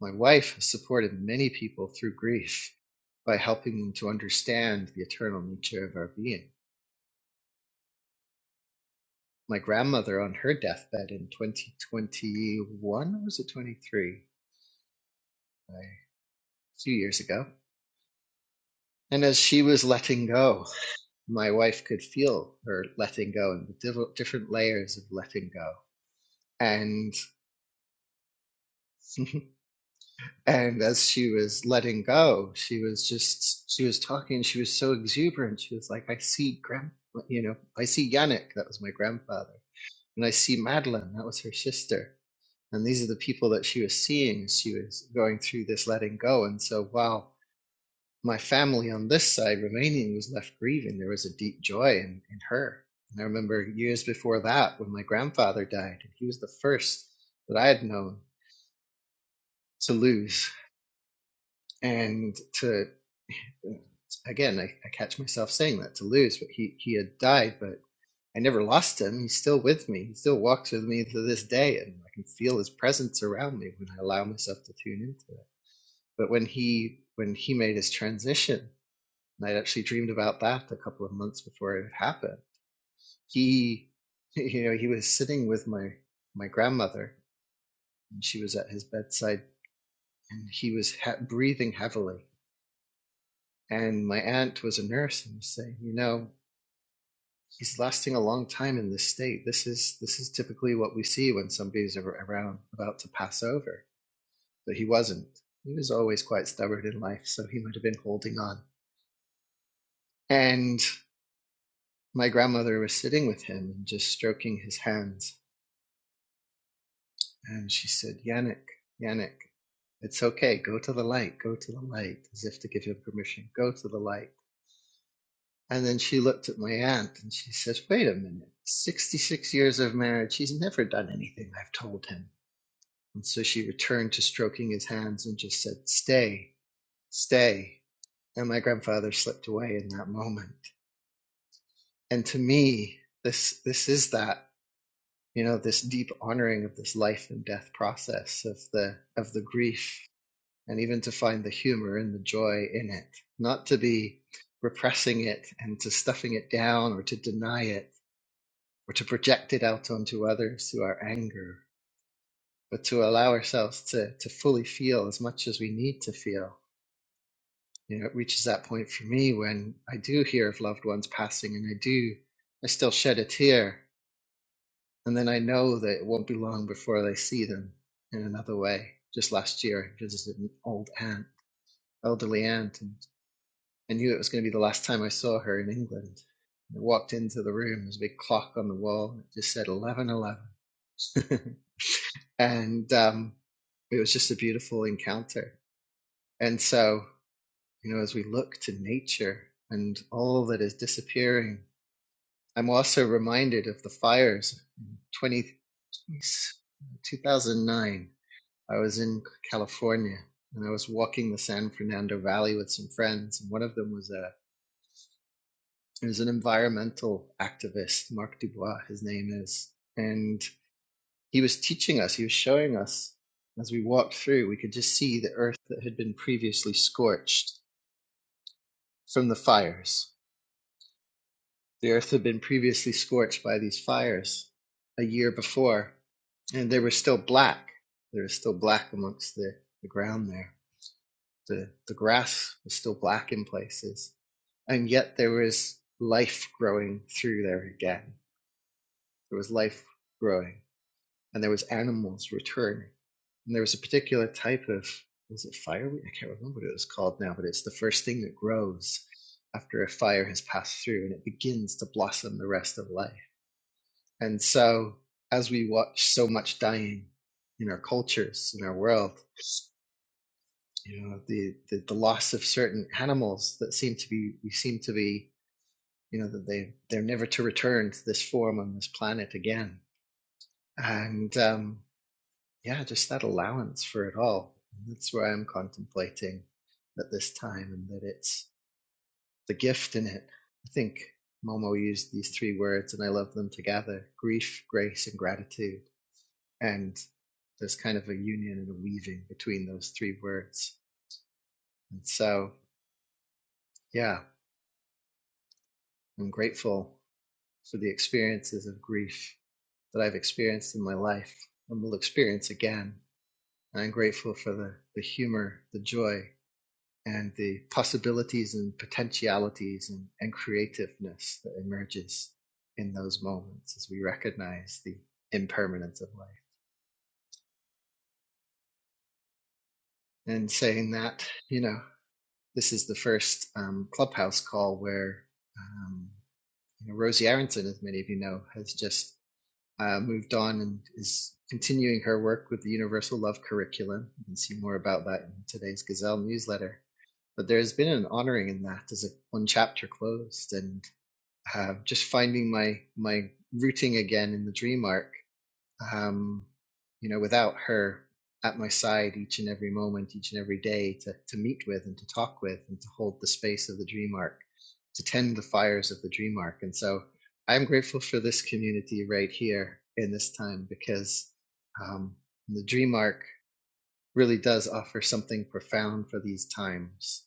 [SPEAKER 1] my wife has supported many people through grief by helping them to understand the eternal nature of our being my grandmother on her deathbed in 2021 or was it 23 a few years ago and as she was letting go my wife could feel her letting go and the div- different layers of letting go and and as she was letting go she was just she was talking she was so exuberant she was like i see grand you know i see yannick that was my grandfather and i see madeline that was her sister and these are the people that she was seeing as she was going through this letting go and so wow my family on this side, remaining was left grieving. There was a deep joy in, in her. And I remember years before that when my grandfather died, and he was the first that I had known to lose. And to, again, I, I catch myself saying that to lose, but he, he had died, but I never lost him. He's still with me. He still walks with me to this day, and I can feel his presence around me when I allow myself to tune into it. But when he when he made his transition, And I'd actually dreamed about that a couple of months before it happened. He, you know, he was sitting with my, my grandmother and she was at his bedside and he was ha- breathing heavily. And my aunt was a nurse and was saying, you know, he's lasting a long time in this state. This is, this is typically what we see when somebody's ar- around about to pass over, but he wasn't. He was always quite stubborn in life, so he might have been holding on. And my grandmother was sitting with him and just stroking his hands And she said, Yannick, Yannick, it's okay. Go to the light. Go to the light, as if to give him permission. Go to the light. And then she looked at my aunt and she says, Wait a minute. 66 years of marriage. He's never done anything I've told him. And so she returned to stroking his hands and just said, Stay, stay. And my grandfather slipped away in that moment. And to me, this, this is that, you know, this deep honoring of this life and death process of the, of the grief and even to find the humor and the joy in it, not to be repressing it and to stuffing it down or to deny it or to project it out onto others through our anger, but to allow ourselves to, to fully feel as much as we need to feel. You know, it reaches that point for me when I do hear of loved ones passing and I do, I still shed a tear. And then I know that it won't be long before they see them in another way. Just last year, I visited an old aunt, elderly aunt, and I knew it was going to be the last time I saw her in England. I walked into the room. There's a big clock on the wall. and It just said eleven eleven, and um, it was just a beautiful encounter. And so, you know, as we look to nature and all that is disappearing, I'm also reminded of the fires. in 20, 2009, I was in California and I was walking the San Fernando Valley with some friends, and one of them was a There's an environmental activist, Marc Dubois, his name is. And he was teaching us, he was showing us as we walked through, we could just see the earth that had been previously scorched from the fires. The earth had been previously scorched by these fires a year before, and they were still black. There was still black amongst the, the ground there. The, the grass was still black in places, and yet there was life growing through there again. There was life growing and there was animals returning. And there was a particular type of was it fireweed? I can't remember what it was called now, but it's the first thing that grows after a fire has passed through and it begins to blossom the rest of life. And so as we watch so much dying in our cultures, in our world, you know, the, the, the loss of certain animals that seem to be we seem to be, you know, that they they're never to return to this form on this planet again. And um yeah, just that allowance for it all. And That's where I'm contemplating at this time, and that it's the gift in it. I think Momo used these three words, and I love them together grief, grace, and gratitude. And there's kind of a union and a weaving between those three words. And so, yeah, I'm grateful for the experiences of grief that I've experienced in my life and will experience again. And I'm grateful for the, the humor, the joy, and the possibilities and potentialities and, and creativeness that emerges in those moments as we recognize the impermanence of life. And saying that, you know, this is the first um, clubhouse call where um, you know, Rosie Aronson, as many of you know, has just uh, moved on and is continuing her work with the Universal Love Curriculum. You can see more about that in today's Gazelle newsletter. But there has been an honoring in that as a one chapter closed, and uh, just finding my my rooting again in the dream arc. Um, you know, without her at my side each and every moment, each and every day to to meet with and to talk with and to hold the space of the dream arc, to tend the fires of the dream arc. And so I'm grateful for this community right here in this time because um, the dream arc really does offer something profound for these times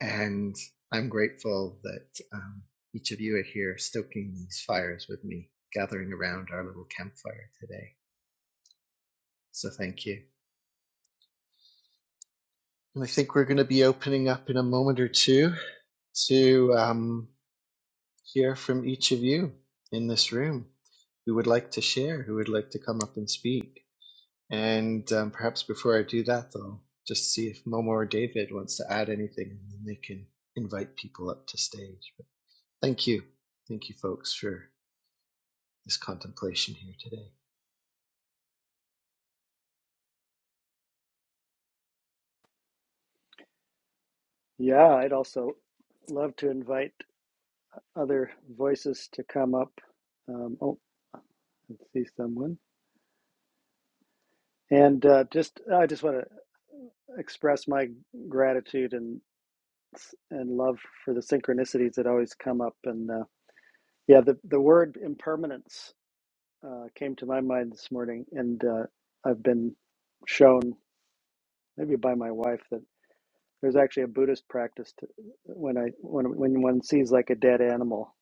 [SPEAKER 1] and I'm grateful that um, each of you are here stoking these fires with me, gathering around our little campfire today. So thank you. And I think we're going to be opening up in a moment or two to um, hear from each of you in this room who would like to share, who would like to come up and speak. And um, perhaps before I do that, though, just see if Momo or David wants to add anything, and then they can invite people up to stage. But thank you. Thank you, folks, for this contemplation here today.
[SPEAKER 2] Yeah, I'd also love to invite. other voices to come up. Um, oh, I see someone. And uh, just, I just want to express my gratitude and and love for the synchronicities that always come up. And uh, yeah, the the word impermanence uh, came to my mind this morning, and uh, I've been shown maybe by my wife that there's actually a Buddhist practice to, when I when when one sees like a dead animal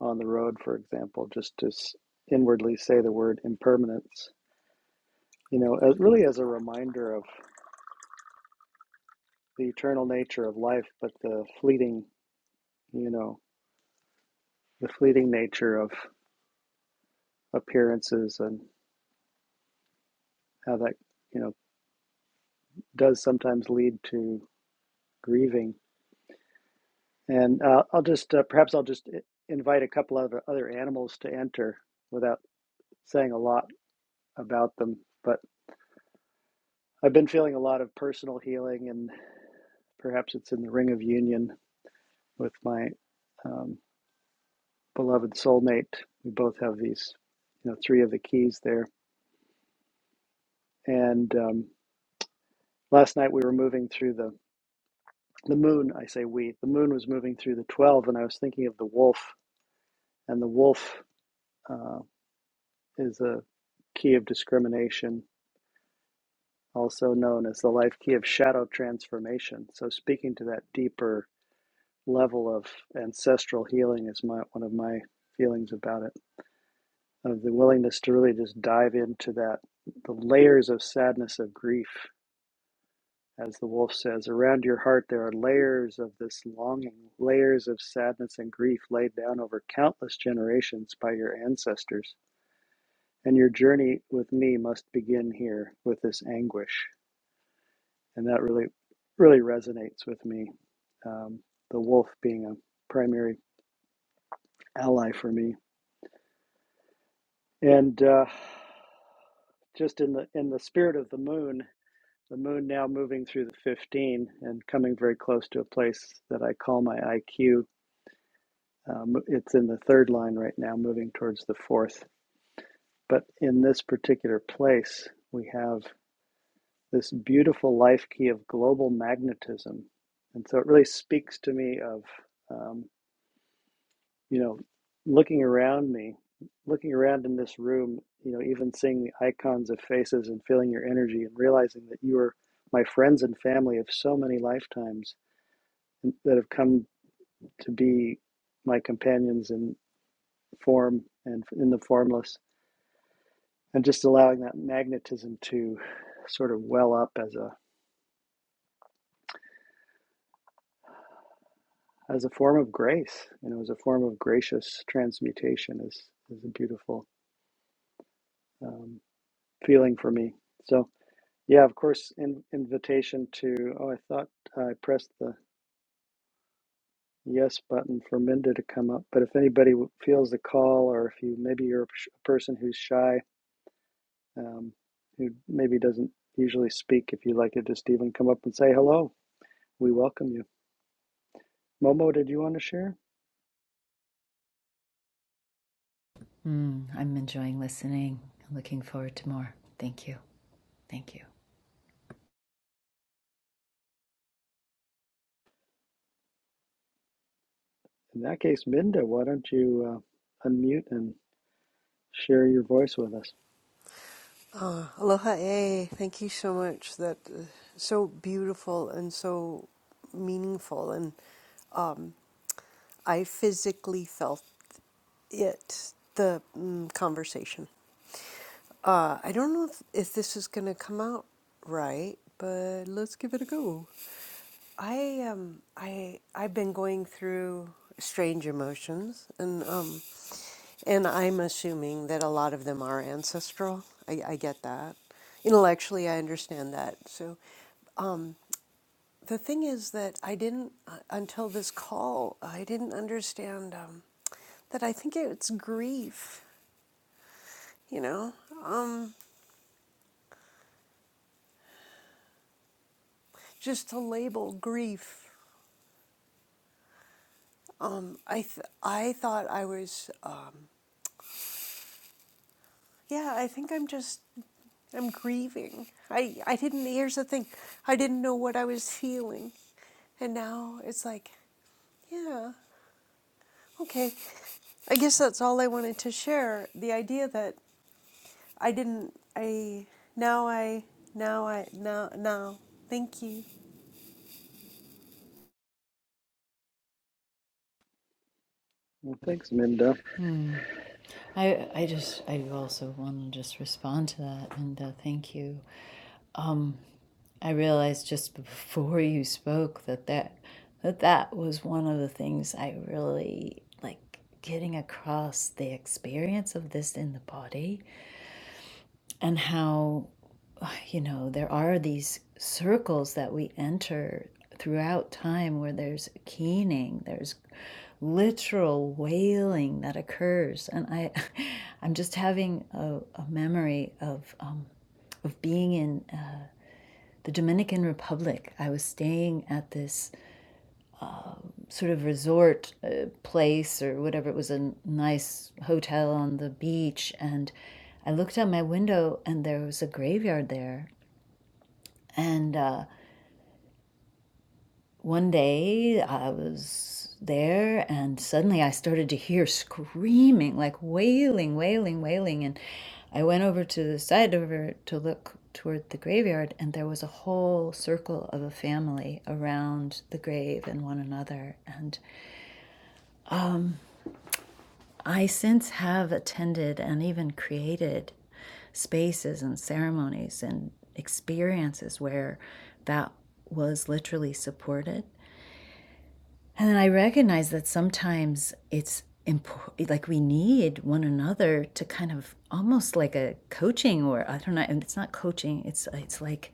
[SPEAKER 2] on the road, for example, just to s- inwardly say the word impermanence you know, as really as a reminder of the eternal nature of life, but the fleeting, you know, the fleeting nature of appearances and how that, you know, does sometimes lead to grieving. And uh, I'll just, uh, perhaps I'll just invite a couple of other animals to enter without saying a lot about them. But I've been feeling a lot of personal healing, and perhaps it's in the ring of union with my um, beloved soulmate. We both have these, you know, three of the keys there. And um, last night we were moving through the the moon. I say we. The moon was moving through the twelve, and I was thinking of the wolf. And the wolf uh, is a key of discrimination, also known as the life key of shadow transformation. So speaking to that deeper level of ancestral healing is my one of my feelings about it of the willingness to really just dive into that the layers of sadness of grief As the wolf says, around your heart there are layers of this longing, layers of sadness and grief laid down over countless generations by your ancestors. And your journey with me must begin here with this anguish. And that really, really resonates with me. Um, the wolf being a primary ally for me. And uh, just in the in the spirit of the moon, the moon now moving through the 15 and coming very close to a place that I call my IQ Um, it's in the third line right now, moving towards the fourth. But in this particular place, we have this beautiful life key of global magnetism. And so it really speaks to me of, um, you know, looking around me, looking around in this room, you know, even seeing the icons of faces and feeling your energy and realizing that you are my friends and family of so many lifetimes that have come to be my companions in form and in the formless and just allowing that magnetism to sort of well up as a as a form of grace you know as a form of gracious transmutation is is a beautiful um, feeling for me so yeah of course in, invitation to oh i thought i pressed the yes button for minda to come up but if anybody w- feels the call or if you maybe you're a sh- a person who's shy um, who maybe doesn't usually speak if you'd like to just even come up and say hello we welcome you momo did you want to share
[SPEAKER 3] Mm, I'm enjoying listening. Looking forward to more. Thank you. Thank you.
[SPEAKER 2] In that case, Minda, why don't you uh, unmute and share your voice with us?
[SPEAKER 4] Aloha, eh? Thank you so much. That uh, so beautiful and so meaningful, and I physically felt it the mm, conversation. Uh, I don't know if, if this is going to come out right, but let's give it a go. I um I I've been going through strange emotions and um and I'm assuming that a lot of them are ancestral. I, I get that. Intellectually I understand that. So um, the thing is that I didn't uh, until this call. I didn't understand um, that. I think it's grief. You know, um, just to label grief. Um, I th- I thought I was. Um, yeah, I think I'm just. I'm grieving. I I didn't. Here's the thing. I didn't know what I was feeling, and now it's like, yeah, okay. I guess that's all I wanted to share. The idea that I didn't. I now I now I now now. Thank you.
[SPEAKER 2] Well, thanks, Minda.
[SPEAKER 3] I, I just, I also want to just respond to that and uh, thank you. Um, I realized just before you spoke that that, that that was one of the things I really like getting across the experience of this in the body and how you know, there are these circles that we enter throughout time where there's keening, there's literal wailing that occurs. And I, I'm just having a, a memory of, um, of being in uh, the Dominican Republic. I was staying at this sort of resort uh, place or whatever. It was a nice hotel on the beach. And I looked out my window and there was a graveyard there. And uh, One day I was there and suddenly I started to hear screaming, like wailing, wailing, wailing. And I went over to the side over to look toward the graveyard, and there was a whole circle of a family around the grave and one another. And I since have attended and even created spaces and ceremonies and experiences where that was literally supported And then I recognize that sometimes it's important, like we need one another to kind of almost like a coaching or I don't know, and it's not coaching, it's it's like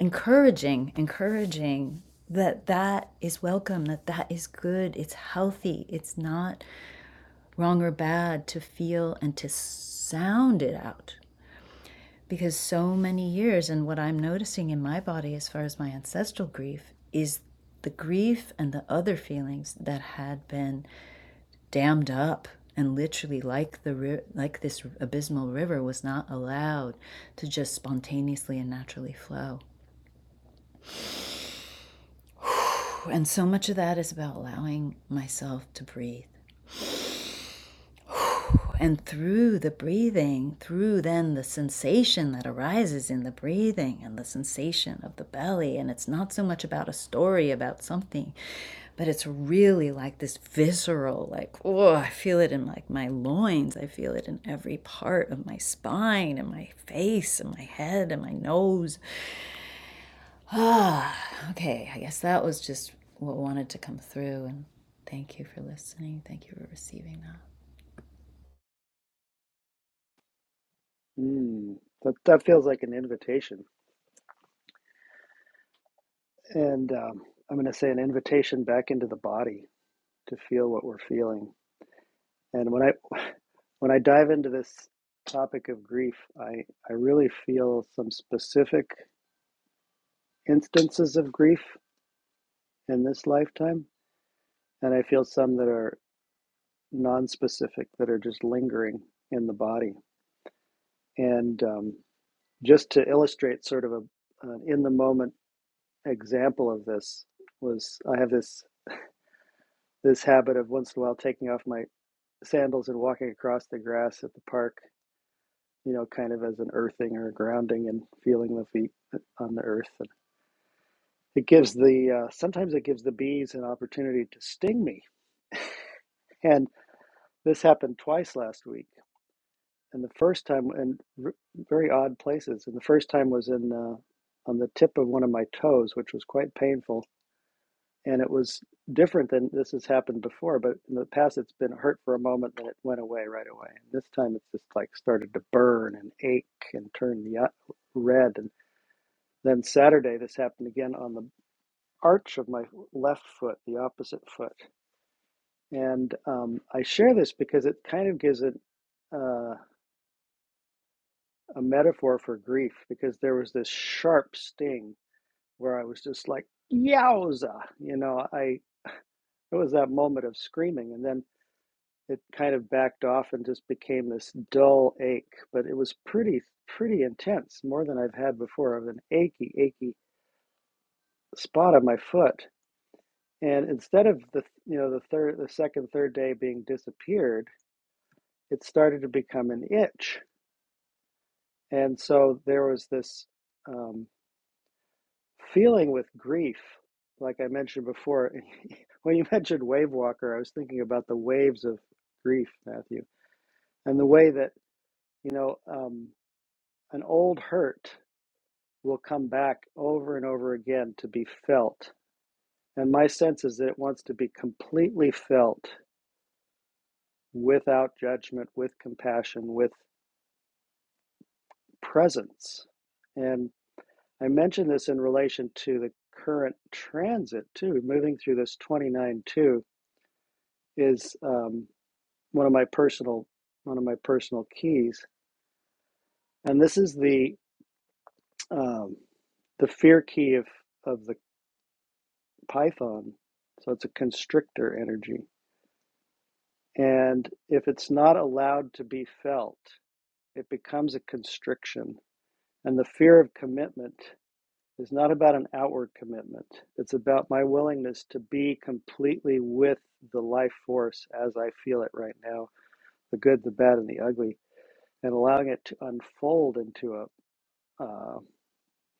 [SPEAKER 3] encouraging, encouraging that that is welcome, that that is good, it's healthy, it's not wrong or bad to feel and to sound it out. Because so many years and what I'm noticing in my body as far as my ancestral grief is the grief and the other feelings that had been dammed up and literally like the ri- like this abysmal river was not allowed to just spontaneously and naturally flow and so much of that is about allowing myself to breathe And through the breathing, through then the sensation that arises in the breathing and the sensation of the belly. And it's not so much about a story about something, but it's really like this visceral, like, oh, I feel it in like my loins. I feel it in every part of my spine and my face and my head and my nose. Ah, okay. I guess that was just what wanted to come through. And thank you for listening. Thank you for receiving that.
[SPEAKER 2] Mm, that, that feels like an invitation. And um, I'm going to say an invitation back into the body to feel what we're feeling. And when I when I dive into this topic of grief, I, I really feel some specific instances of grief in this lifetime. And I feel some that are non specific, that are just lingering in the body. And um, Just to illustrate sort of a, an in the moment example of this was I have this this habit of once in a while taking off my sandals and walking across the grass at the park, you know, kind of as an earthing or grounding and feeling the feet on the earth. And it gives the uh, sometimes it gives the bees an opportunity to sting me, and this happened twice last week. And the first time, in r- very odd places, and the first time was in uh, on the tip of one of my toes, which was quite painful and it was different than this has happened before but in the past it's been hurt for a moment then it went away right away and this time it's just like started to burn and ache and turn the o- red and then saturday this happened again on the arch of my left foot the opposite foot and um, i share this because it kind of gives it uh, a metaphor for grief because there was this sharp sting where i was just like yowza you know i it was that moment of screaming and then it kind of backed off and just became this dull ache, but it was pretty pretty intense, more than I've had before of an achy achy spot on my foot. And instead of the you know the third the second third day being disappeared, it started to become an itch, and so there was this um, feeling with grief, like I mentioned before. when you mentioned wave walker, I was thinking about the waves of grief, Matthew, and the way that you know um, an old hurt will come back over and over again to be felt. And my sense is that it wants to be completely felt without judgment, with compassion, with presence. And I mentioned this in relation to the current transit, too. Moving through this 29 2 is um, one of my personal one of my personal keys and this is the um, the fear key of of the python so it's a constrictor energy And if it's not allowed to be felt, it becomes a constriction. And the fear of commitment is not about an outward commitment, it's about my willingness to be completely with the life force as I feel it right now the good, the bad, and the ugly, and allowing it to unfold into a, uh,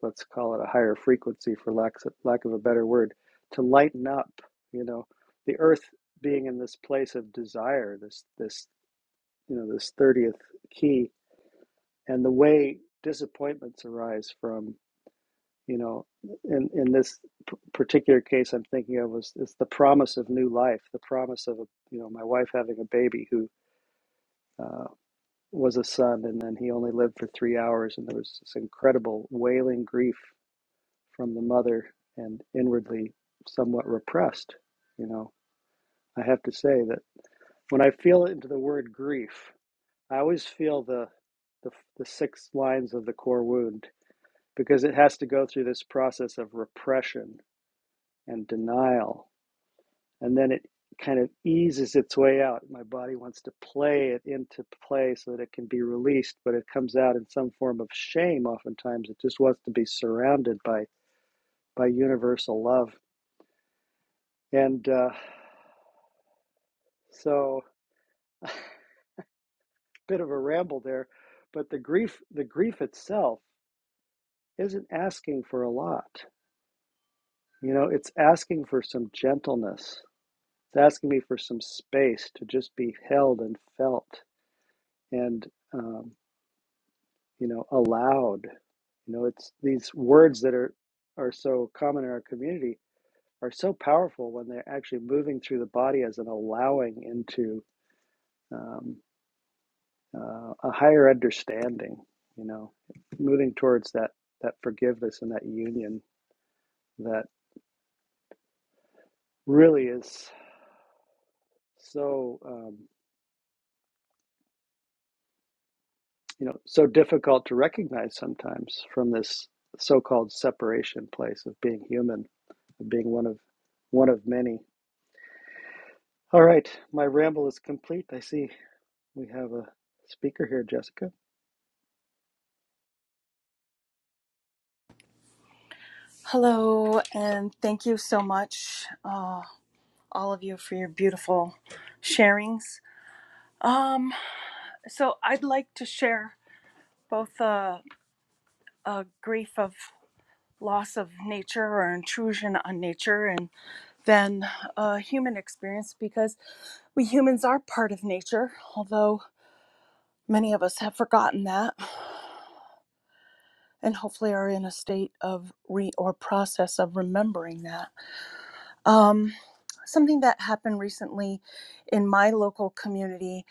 [SPEAKER 2] let's call it a higher frequency for lack, lack of a better word, to lighten up, you know, the earth being in this place of desire, this this you know this 30th key and the way disappointments arise from you know in in this p- particular case i'm thinking of was is the promise of new life the promise of a, you know my wife having a baby who uh, was a son and then he only lived for three hours and there was this incredible wailing grief from the mother and inwardly somewhat repressed you know i have to say that when i feel into the word grief I always feel the, the the six lines of the core wound because it has to go through this process of repression and denial, and then it kind of eases its way out. My body wants to play it into play so that it can be released, but it comes out in some form of shame. Oftentimes, it just wants to be surrounded by by universal love, and uh, so a bit of a ramble there, but the grief the grief itself isn't asking for a lot You know, it's asking for some gentleness. It's asking me for some space to just be held and felt and, um, you know, allowed. You know, it's these words that are, are so common in our community are so powerful when they're actually moving through the body as an allowing into um, uh, a higher understanding, you know, moving towards that, that forgiveness and that union that really is so. um, you know so difficult to recognize sometimes from this so-called separation place of being human of being one of one of many all right my ramble is complete i see we have a speaker here jessica
[SPEAKER 5] Hello, and thank you so much, uh, all of you, for your beautiful sharings. Um, so, I'd like to share both uh, a grief of loss of nature or intrusion on nature, and then a human experience because we humans are part of nature, although many of us have forgotten that and hopefully are in a state of re or process of remembering that. Um, something that happened recently in my local community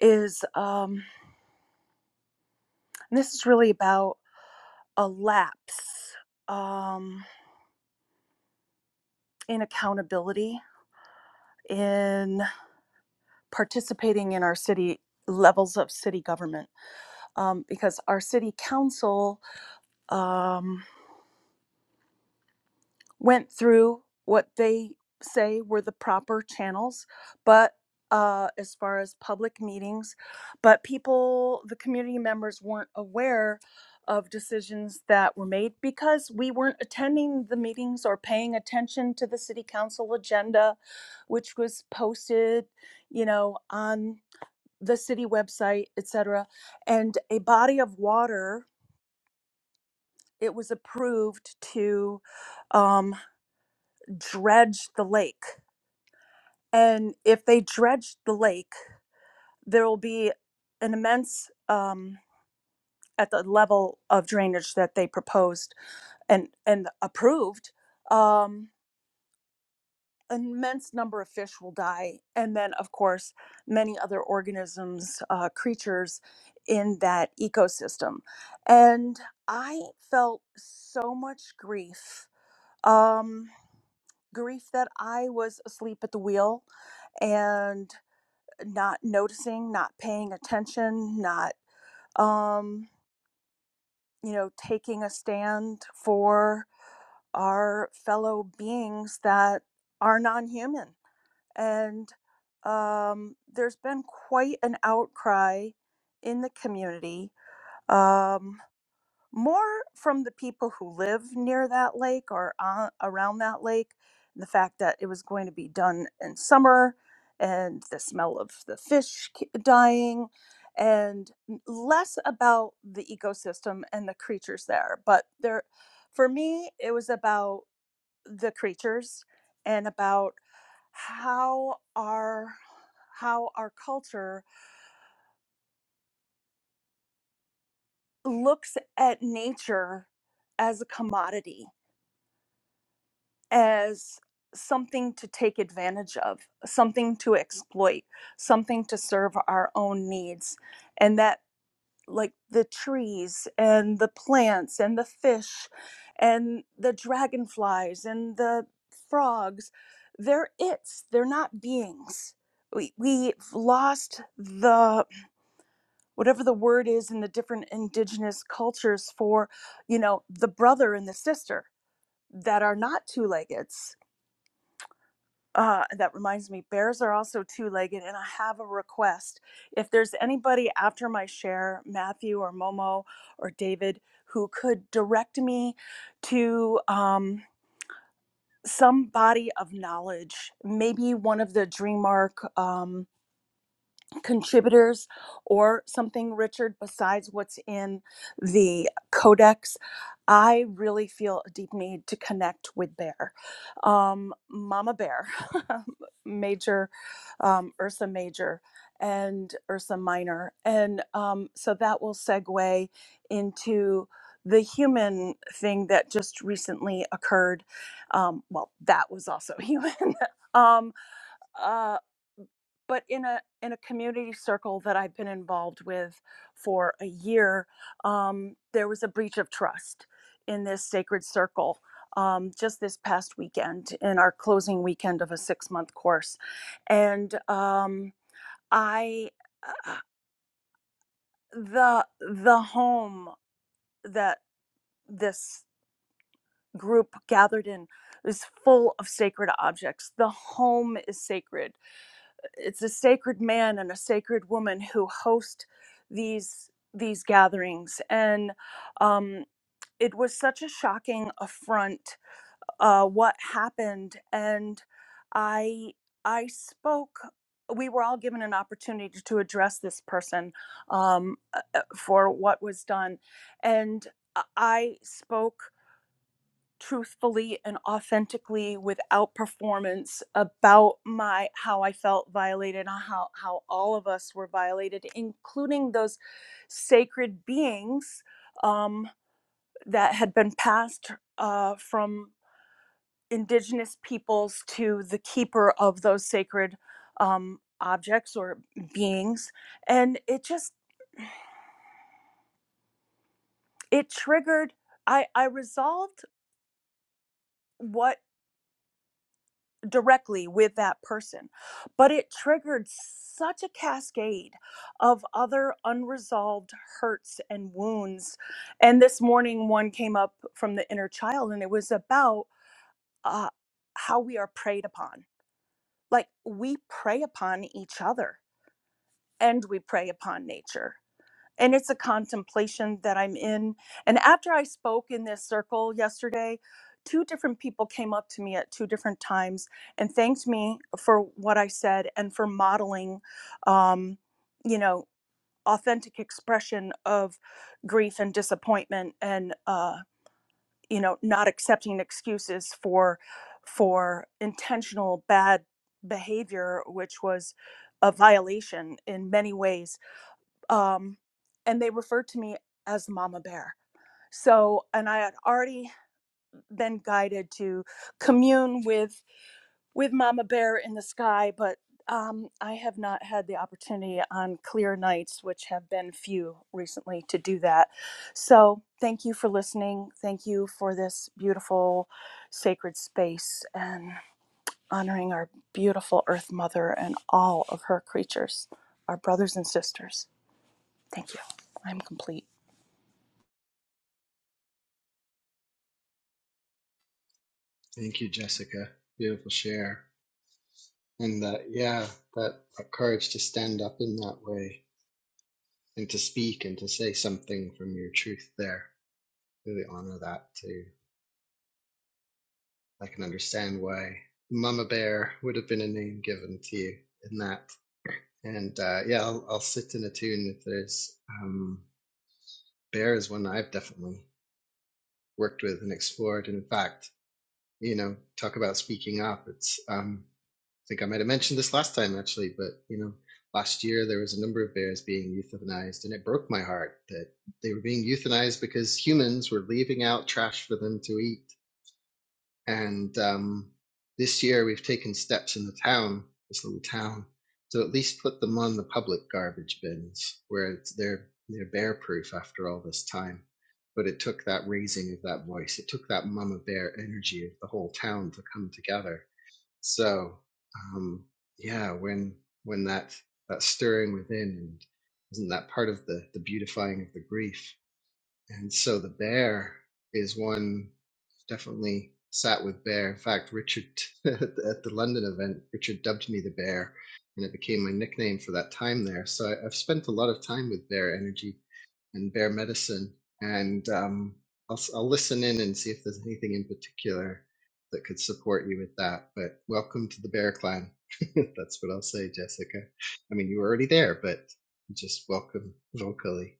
[SPEAKER 5] is um, and this is really about a lapse um, in accountability in participating in our city levels of city government um, because our city council um, went through what they say were the proper channels, but uh, as far as public meetings, but people, the community members weren't aware of decisions that were made because we weren't attending the meetings or paying attention to the city council agenda, which was posted, you know, on the city website, etc. And a body of water, it was approved to um, dredge the lake And if they dredge the lake, there will be an immense um, at the level of drainage that they proposed and and approved. Um, an immense number of fish will die, and then of course many other organisms, uh, creatures in that ecosystem. And I felt so much grief. Um, grief that I was asleep at the wheel and. not noticing, not paying attention, not um, you know, taking a stand for our fellow beings that are non-human. And um, there's been quite an outcry in the community. Um, more from the people who live near that lake or on, around that lake and the fact that it was going to be done in summer and the smell of the fish k- dying and n- less about the ecosystem and the creatures there but there for me it was about the creatures and about how our how our culture looks at nature as a commodity as something to take advantage of, something to exploit, something to serve our own needs. And that, like the trees and the plants and the fish and the dragonflies and the frogs, they're its, they're not beings. We, we've lost the whatever the word is in the different indigenous cultures for you know the brother and the sister that are not two-legged Uh, that reminds me, bears are also two legged, and I have a request. If there's anybody after my share, Matthew or Momo or David, who could direct me to um, some body of knowledge, maybe one of the DreamArc. Um, contributors or something, Richard, besides what's in the codex, I really feel a deep need to connect with Bear. Um, Mama Bear, Major, um, Ursa Major, and Ursa Minor. And um, so that will segue into the human thing that just recently occurred. Um, well, that was also human. um, uh, but in a in a community circle that I've been involved with for a year, um, there was a breach of trust in this sacred circle um, just this past weekend in our closing weekend of a six month course, and um, I uh, the the home that this group gathered in is full of sacred objects. The home is sacred It's a sacred man and a sacred woman who host these these gatherings, and um, it was such a shocking affront uh, what happened. And I I spoke. We were all given an opportunity to address this person um, uh, uh, for what was done, and uh, I spoke truthfully and authentically without performance about my how I felt violated how how all of us were violated including those sacred beings um, that had been passed uh, from indigenous peoples to the keeper of those sacred um, objects or beings and it just it triggered I I resolved what. directly with that person. But it triggered such a cascade of other unresolved hurts and wounds. And this morning, one came up from the inner child, and it was about uh, how we are preyed upon. Like we prey upon each other and we prey upon nature and it's a contemplation that I'm in. And after I spoke in this circle yesterday, two different people came up to me at two different times and thanked me for what I said and for modeling, um, you know, authentic expression of grief and disappointment and, uh, you know, not accepting excuses for for intentional bad behavior, which was a violation in many ways um, and they referred to me as Mama Bear. So, and I had already been guided to commune with with Mama Bear in the sky, but um, I have not had the opportunity on clear nights, which have been few recently, to do that. So, thank you for listening. Thank you for this beautiful sacred space and honoring our beautiful Earth Mother and all of her creatures, our brothers and sisters. Thank you. I'm complete.
[SPEAKER 1] Thank you, Jessica. Beautiful share. And that, yeah, that, that courage to stand up in that way and to speak and to say something from your truth there. Really honor that too. I can understand why Mama Bear would have been a name given to you in that. And uh, yeah, I'll, I'll sit in a tune if there's um, Bear is one I've definitely worked with and explored. And in fact, you know, talk about speaking up. It's um, think I might have mentioned this last time actually, but you know, last year there was a number of bears being euthanized, and it broke my heart that they were being euthanized because humans were leaving out trash for them to eat. And um, this year we've taken steps in the town, this little town, to at least put them on the public garbage bins where it's, they're they're bear proof after all this time. But it took that raising of that voice, it took that mama bear energy of the whole town to come together so um, yeah, when when that that stirring within, and isn't that part of the the beautifying of the grief? And so the bear is one definitely sat with bear. In fact, Richard at the at the London event, Richard dubbed me the bear, and it became my nickname for that time there. So I, I've spent a lot of time with bear energy and Bear Medicine, and um, I'll, s- I'll listen in and see if there's anything in particular that could support you with that. But welcome to the Bear Clan. That's what I'll say, Jessica. I mean, you were already there, but just welcome vocally.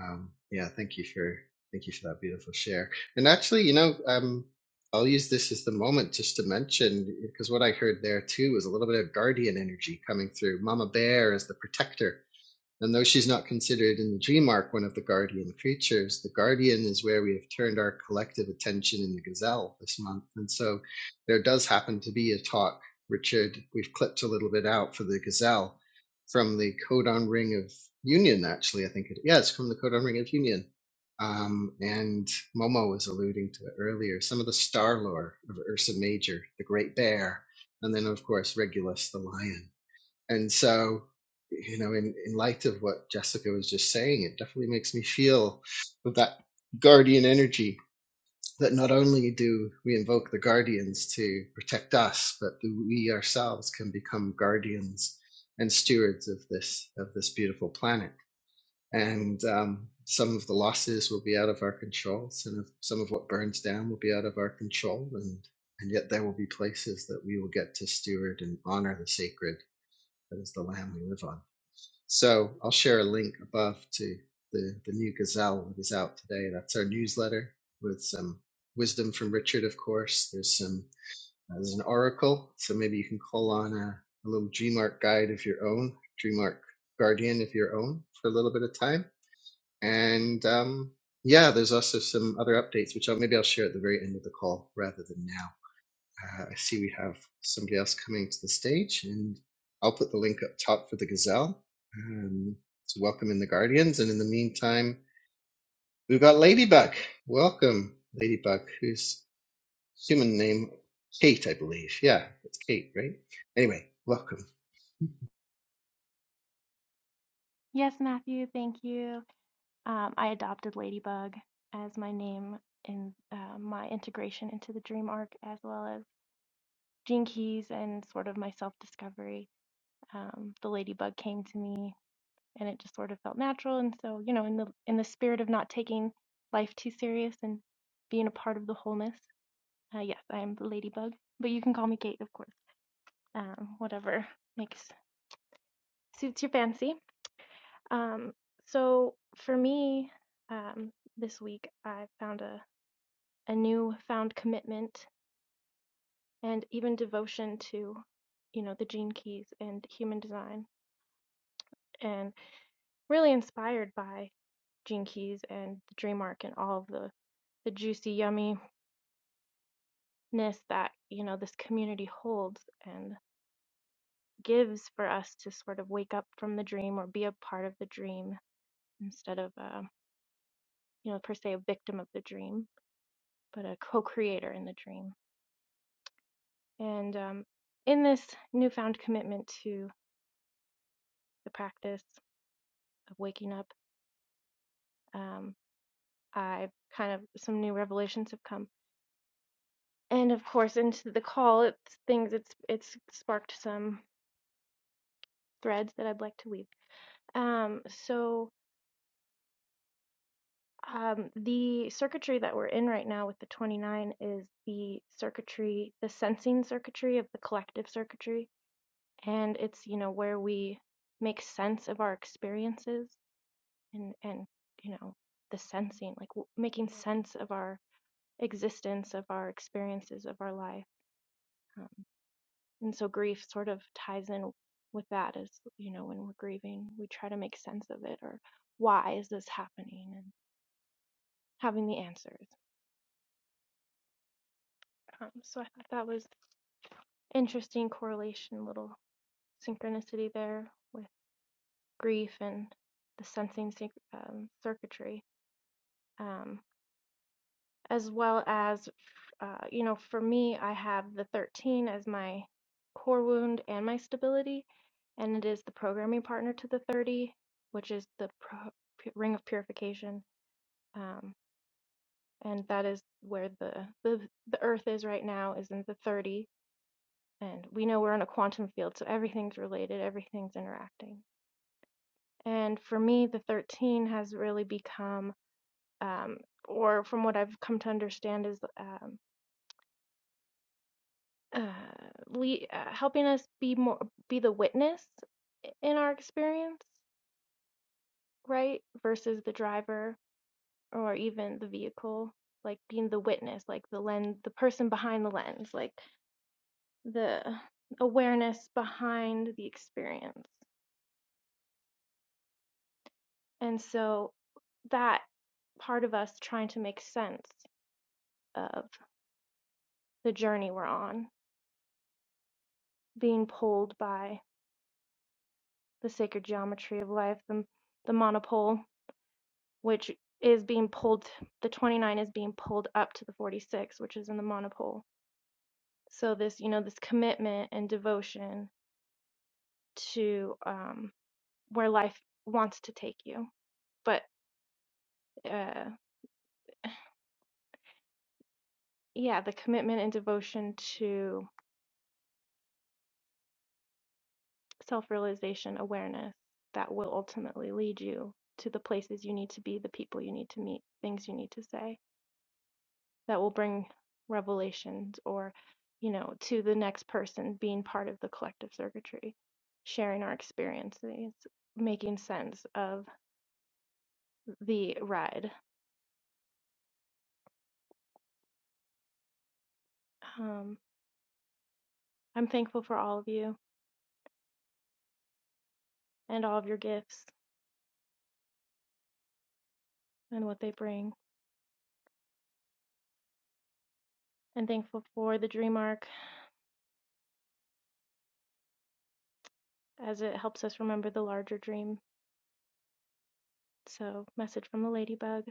[SPEAKER 1] Um, yeah, thank you for thank you for that beautiful share. And actually, you know, um, I'll use this as the moment just to mention because what I heard there too was a little bit of guardian energy coming through. Mama Bear is the protector and though she's not considered in the dream arc one of the guardian creatures, the guardian is where we have turned our collective attention in the gazelle this month. And so there does happen to be a talk, Richard, we've clipped a little bit out for the gazelle from the codon ring of union, actually. I think it, is. yeah, it's from the codon ring of union. Um, and Momo was alluding to it earlier. Some of the star lore of Ursa Major, the great bear, and then, of course, Regulus the lion. And so, you know, in, in light of what Jessica was just saying, it definitely makes me feel with that guardian energy that not only do we invoke the guardians to protect us, but we ourselves can become guardians and stewards of this of this beautiful planet. And um, some of the losses will be out of our control. Some of some of what burns down will be out of our control, and and yet there will be places that we will get to steward and honor the sacred that is the land we live on. So I'll share a link above to the, the new Gazelle that is out today. That's our newsletter with some wisdom from Richard, of course. There's some uh, there's an oracle, so maybe you can call on a, a little DreamArk guide of your own, DreamArk guardian of your own for a little bit of time. And um, yeah, there's also some other updates, which I'll maybe I'll share at the very end of the call rather than now. Uh, I see we have somebody else coming to the stage, and I'll put the link up top for the gazelle. Um, so welcome in the Guardians, and in the meantime, we've got Ladybug. Welcome, Ladybug, whose human name Kate, I believe. Yeah, it's Kate, right? Anyway, welcome.
[SPEAKER 6] Yes, Matthew, thank you. Um, I adopted Ladybug as my name in uh, my integration into the dream arc, as well as Gene Keys and sort of my self discovery. Um, the Ladybug came to me, and it just sort of felt natural. And so, you know, in the in the spirit of not taking life too serious and being a part of the wholeness, uh, yes, I am the Ladybug. But you can call me Kate, of course. Um, whatever makes suits your fancy. Um, so for me, um, this week I found a a new found commitment and even devotion to, you know, the Gene Keys and human design, and really inspired by Gene Keys and the Dream Arc and all of the the juicy yumminess that you know this community holds and gives for us to sort of wake up from the dream or be a part of the dream instead of uh, you know per se a victim of the dream, but a co-creator in the dream. And um, in this newfound commitment to the practice of waking up, um, I've kind of some new revelations have come. And of course, into the call, it's things it's it's sparked some threads that I'd like to weave. Um, so um, the circuitry that we're in right now with the 29 is the circuitry, the sensing circuitry of the collective circuitry, and it's you know where we make sense of our experiences and and you know the sensing like w- making sense of our existence of our experiences of our life um, and so grief sort of ties in with that as you know when we're grieving we try to make sense of it or why is this happening and having the answers um, so i thought that was interesting correlation little synchronicity there with grief and the sensing sync- um, circuitry Um, as well as, uh, you know, for me, I have the 13 as my core wound and my stability, and it is the programming partner to the 30, which is the pro- ring of purification. Um, and that is where the, the the earth is right now is in the 30 and we know we're in a quantum field so everything's related everything's interacting and for me the 13 has really become um, or from what i've come to understand is um, uh, le- uh, helping us be more be the witness i- in our experience, right? Versus the driver or even the vehicle, like being the witness, like the lens, the person behind the lens, like the awareness behind the experience. And so that part of us trying to make sense of the journey we're on, being pulled by the sacred geometry of life, the, the monopole which is being pulled, the 29 is being pulled up to the 46, which is in the monopole. So this, you know, this commitment and devotion to um, where life wants to take you. But uh, yeah, the commitment and devotion to self realization, awareness that will ultimately lead you to the places you need to be, the people you need to meet, things you need to say. that will bring revelations or you know to the next person being part of the collective circuitry sharing our experiences making sense of the ride um, i'm thankful for all of you and all of your gifts and what they bring and thankful for the dream arc as it helps us remember the larger dream so message from the ladybug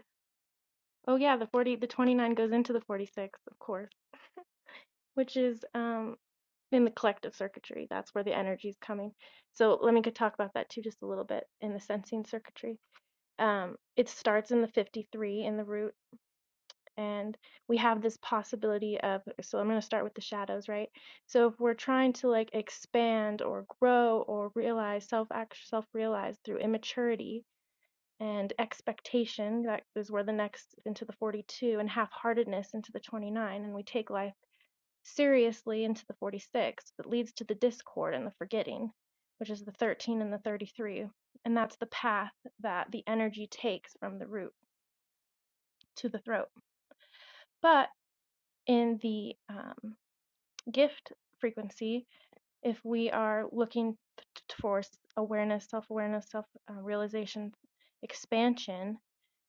[SPEAKER 6] oh yeah the 40 the 29 goes into the 46 of course which is um in the collective circuitry. That's where the energy is coming. So let me go talk about that too, just a little bit in the sensing circuitry. Um, it starts in the 53 in the root, and we have this possibility of. So I'm going to start with the shadows, right? So if we're trying to like expand or grow or realize self self realize through immaturity and expectation, that is where the next into the 42 and half heartedness into the 29, and we take life seriously into the 46 that leads to the discord and the forgetting, which is the 13 and the 33. And that's the path that the energy takes from the root to the throat. But in the um, gift frequency, if we are looking for awareness, self awareness, self uh, realization, expansion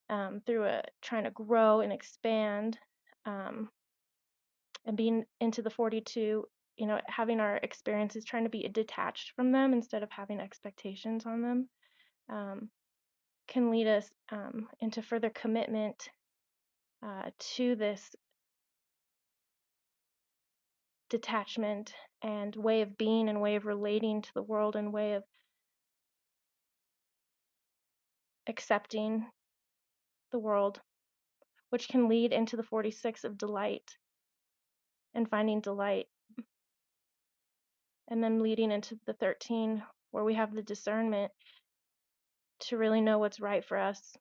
[SPEAKER 6] um, through a, trying to grow and expand. Um, and being into the 42 you know having our experiences trying to be detached from them instead of having expectations on them um, can lead us um, into further commitment uh, to this detachment and way of being and way of relating to the world and way of accepting the world which can lead into the 46 of delight and finding delight and then leading into the 13 where we have the discernment to really know what's right for us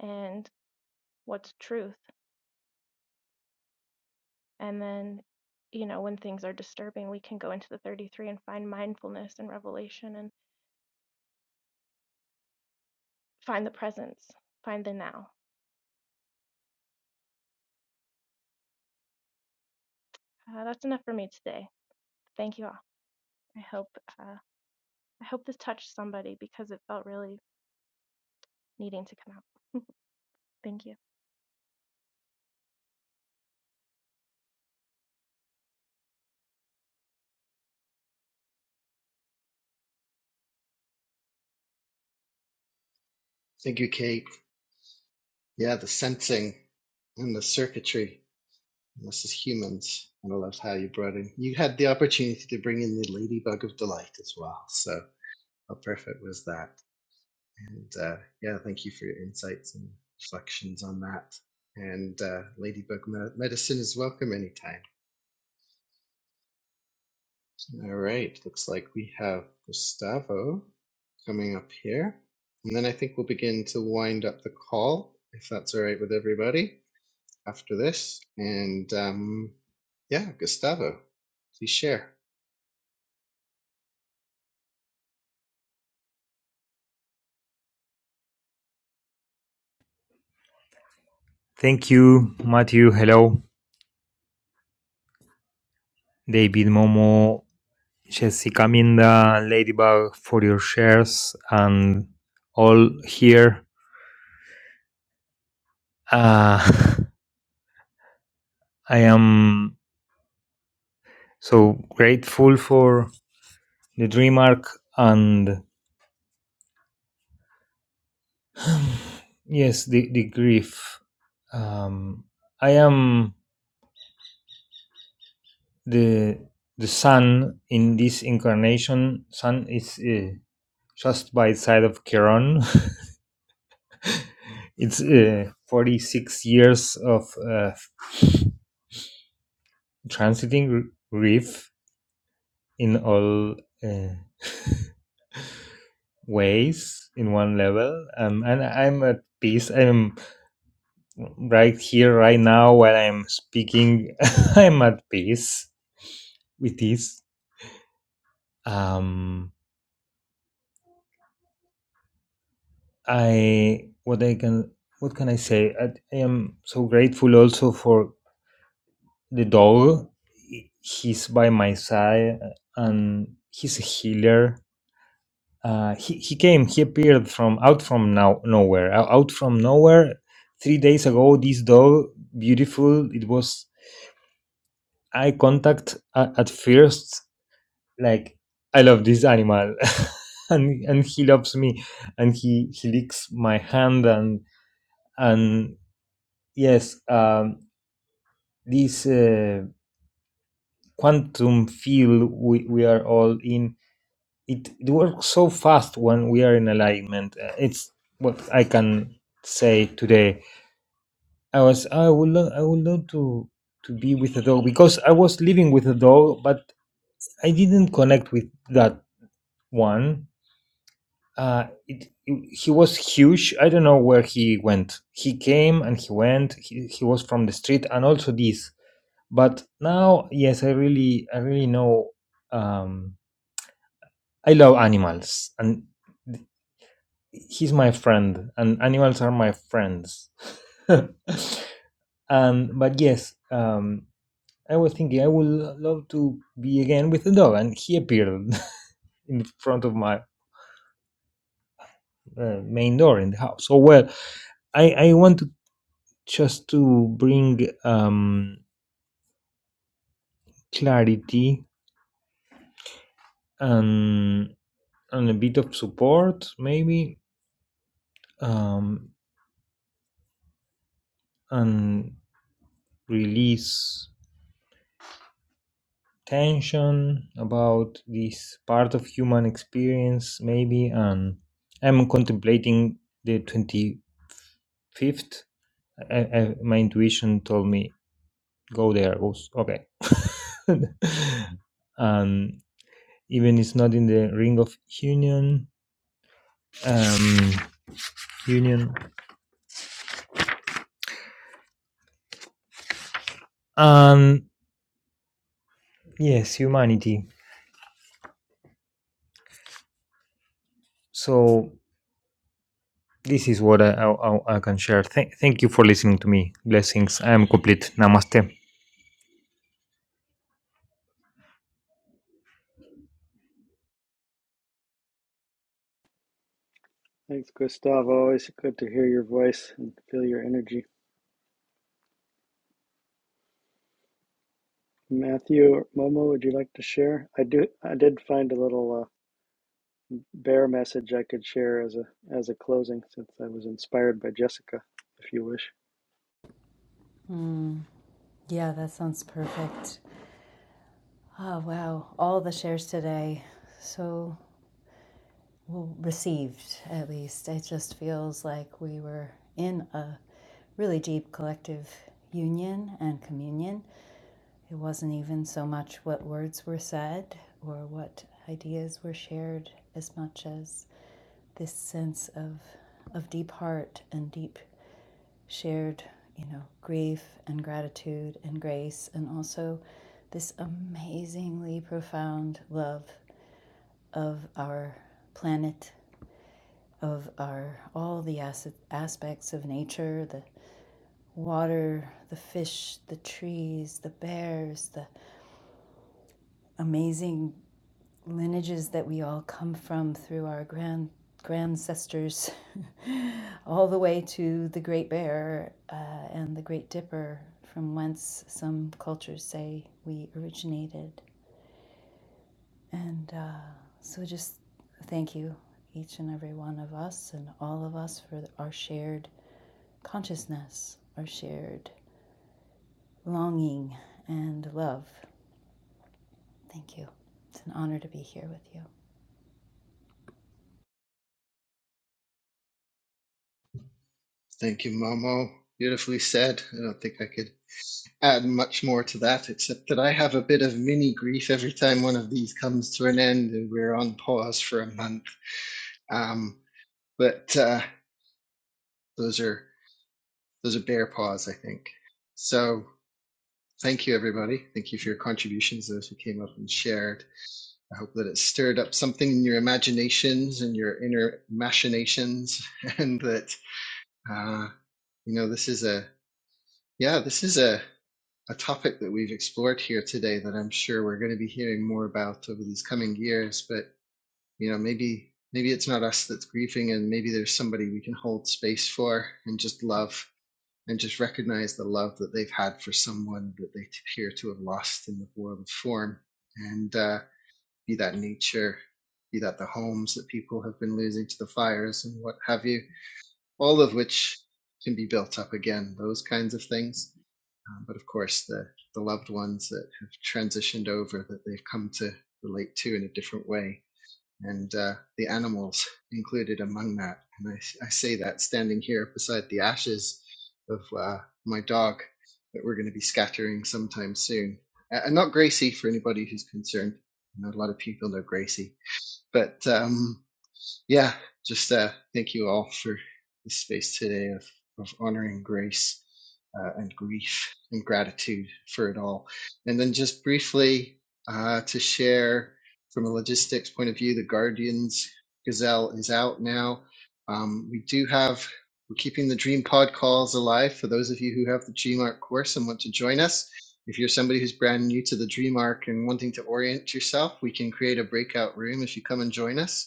[SPEAKER 6] and what's truth And then, you know, when things are disturbing, we can go into the 33 and find mindfulness and revelation and find the presence, find the now. Uh, that's enough for me today. Thank you all. I hope uh, I hope this touched somebody because it felt really needing to come out. Thank you.
[SPEAKER 1] Thank you, Kate. Yeah, the sensing and the circuitry. And This is humans, and I love how you brought in. You had the opportunity to bring in the Ladybug of Delight as well. So how perfect was that? And uh, yeah, thank you for your insights and reflections on that. And uh, Ladybug Medicine is welcome anytime. All right, looks like we have Gustavo coming up here. And then I think we'll begin to wind up the call, if that's all right with everybody, after this. And um, yeah, Gustavo, please share.
[SPEAKER 7] Thank you, Matthew. Hello, David, Momo, Jessica, Minda, and Ladybug for your shares and all here. Uh, I am so grateful for the dream arc and yes, the, the grief. Um, I am the the sun in this incarnation. Sun is uh, just by side of Chiron. it's uh, 46 years of uh, transiting reef in all uh, ways in one level um, and i'm at peace i'm right here right now while i'm speaking i'm at peace with this um i what i can what can i say i, I am so grateful also for the dog he's by my side uh, and he's a healer uh, he, he came he appeared from out from now nowhere ou- out from nowhere three days ago this dog beautiful it was eye contact at, at first like i love this animal and and he loves me and he he licks my hand and and yes um this uh, quantum field we, we are all in it, it works so fast when we are in alignment Uh, it's what i can say today I was I would love I would love to to be with a dog because I was living with a dog, but I didn't connect with that one. Uh, it, he was huge. I don't know where he went. He came and he went. He, he was from the street and also this. But now, yes, I really I really know. Um, I love animals and he's my friend and animals are my friends. and but yes, um, I was thinking I would lo- love to be again with the dog, and he appeared in front of my uh, main door in the house. So well, I I want to just to bring um clarity and and a bit of support maybe um and release tension about this part of human experience maybe and i'm contemplating the 25th I, I, my intuition told me go there. Oops, okay. and even it's not in the ring of union. Um, union. Um, yes, humanity. So this is what I I, I- I can share. Thank thank you for listening to me. Blessings. I am complete. Namaste.
[SPEAKER 2] thanks gustavo always good to hear your voice and feel your energy matthew or momo would you like to share i do i did find a little uh, bear message i could share as a as a closing since i was inspired by jessica if you wish
[SPEAKER 3] Yeah, that sounds perfect. Oh, wow. All the shares today. So well received, at least. It just feels like we were in a really deep collective union and communion. It wasn't even so much what words were said or what ideas were shared as much as this sense of of deep heart and deep shared, you know, grief and gratitude and grace and also this amazingly profound love of our planet, of our all the as- aspects of nature, the water, the fish, the trees, the bears, the amazing lineages that we all come from through our grand grandcestors, all the way to the Great Bear uh, and the Great Dipper, from whence some cultures say we originated. And uh, so just thank you, each and every one of us and all of us, for our shared consciousness, our shared longing and love. Thank you. It's an honor to be here with you.
[SPEAKER 1] Thank you, Momo. Beautifully said. I don't think I could. add much more to that, except that I have a bit of mini grief every time one of these comes to an end and we're on pause for a month. Um, but uh, those are those are bear paws, I think. So thank you, everybody. Thank you for your contributions, those who came up and shared. I hope that it stirred up something in your imaginations and your inner machinations, and that uh, you know this is a yeah, this is a a topic that we've explored here today that I'm sure we're going to be hearing more about over these coming years. But you know, maybe maybe it's not us that's grieving, and maybe there's somebody we can hold space for and just love and just recognize the love that they've had for someone that they appear to have lost in the world of form. And uh, be that nature, be that the homes that people have been losing to the fires and what have you, all of which can be built up again. Those kinds of things um, but of course, the, the loved ones that have transitioned over that they've come to relate to in a different way, and uh, the animals included among that. And I, I say that standing here beside the ashes of uh, my dog that we're going to be scattering sometime soon. Uh, And not Gracie for anybody who's concerned. I know a lot of people know Gracie, but. Um, yeah, just uh, thank you all for this space today of, of honoring grace uh, and grief and gratitude for it all. And then just briefly uh, to share from a logistics point of view, the Guardians Gazelle is out now. Um, we do have, we're keeping the Dream Pod calls alive for those of you who have the DreamArc course and want to join us. If you're somebody who's brand new to the DreamArc and wanting to orient yourself, we can create a breakout room if you come and join us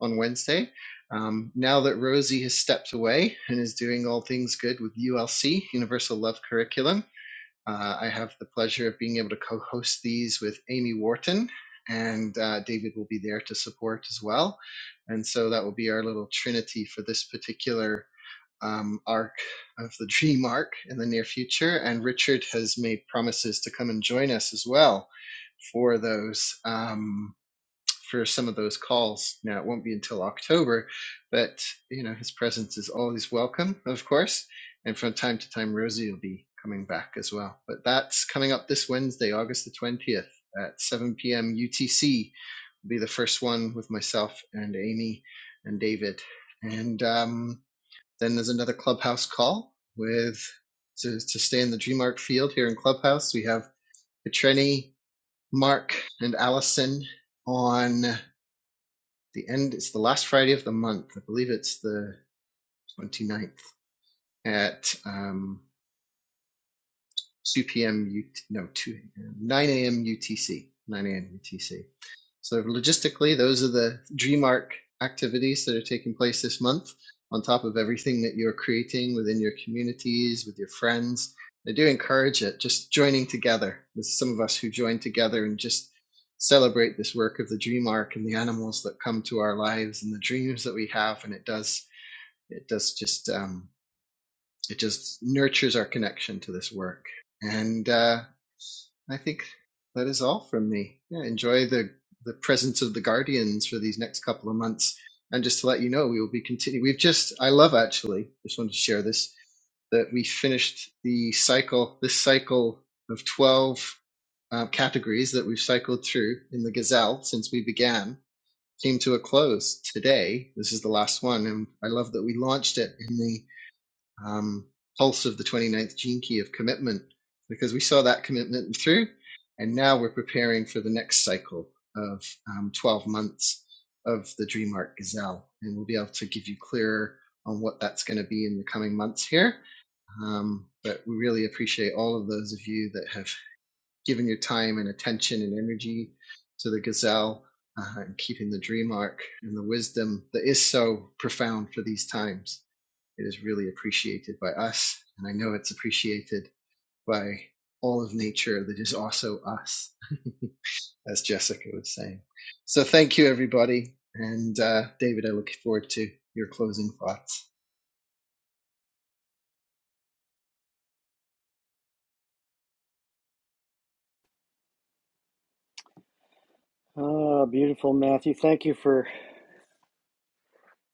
[SPEAKER 1] on Wednesday. Um, now that Rosie has stepped away and is doing all things good with ULC, Universal Love Curriculum, uh, I have the pleasure of being able to co host these with Amy Wharton, and uh, David will be there to support as well. And so that will be our little trinity for this particular um, arc of the dream arc in the near future. And Richard has made promises to come and join us as well for those. Um, for some of those calls. Now it won't be until October, but you know his presence is always welcome, of course. And from time to time, Rosie will be coming back as well. But that's coming up this Wednesday, August the twentieth at seven p.m. UTC. Will be the first one with myself and Amy and David, and um, then there's another clubhouse call with to, to stay in the Dreamark field here in Clubhouse. We have Petreni, Mark, and Allison on the end it's the last friday of the month i believe it's the twenty-ninth at um 2 p.m no 2 9 a.m utc 9 a.m utc so logistically those are the dreamark activities that are taking place this month on top of everything that you're creating within your communities with your friends i do encourage it just joining together there's some of us who join together and just celebrate this work of the dream and the animals that come to our lives and the dreams that we have and it does It does just um, it just nurtures our connection to this work. And uh, I think that is all from me. Yeah, enjoy the the presence of the guardians for these next couple of months. And just to let you know, we will be continuing. We've just I love actually just wanted to share this that we finished the cycle this cycle of twelve uh, categories that we've cycled through in the Gazelle since we began came to a close today. This is the last one, and I love that we launched it in the um, pulse of the 29th gene key of commitment because we saw that commitment through and now we're preparing for the next cycle of um, 12 months of the dreamark gazelle and we'll be able to give you clearer on what that's going to be in the coming months here um, but we really appreciate all of those of you that have given your time and attention and energy to the gazelle uh, and keeping the dreamark and the wisdom that is so profound for these times it is really appreciated by us, and I know it's appreciated by all of nature that is also us, as Jessica was saying. So thank you, everybody. And uh, David, I look forward to your closing thoughts.
[SPEAKER 2] ah beautiful matthew thank you for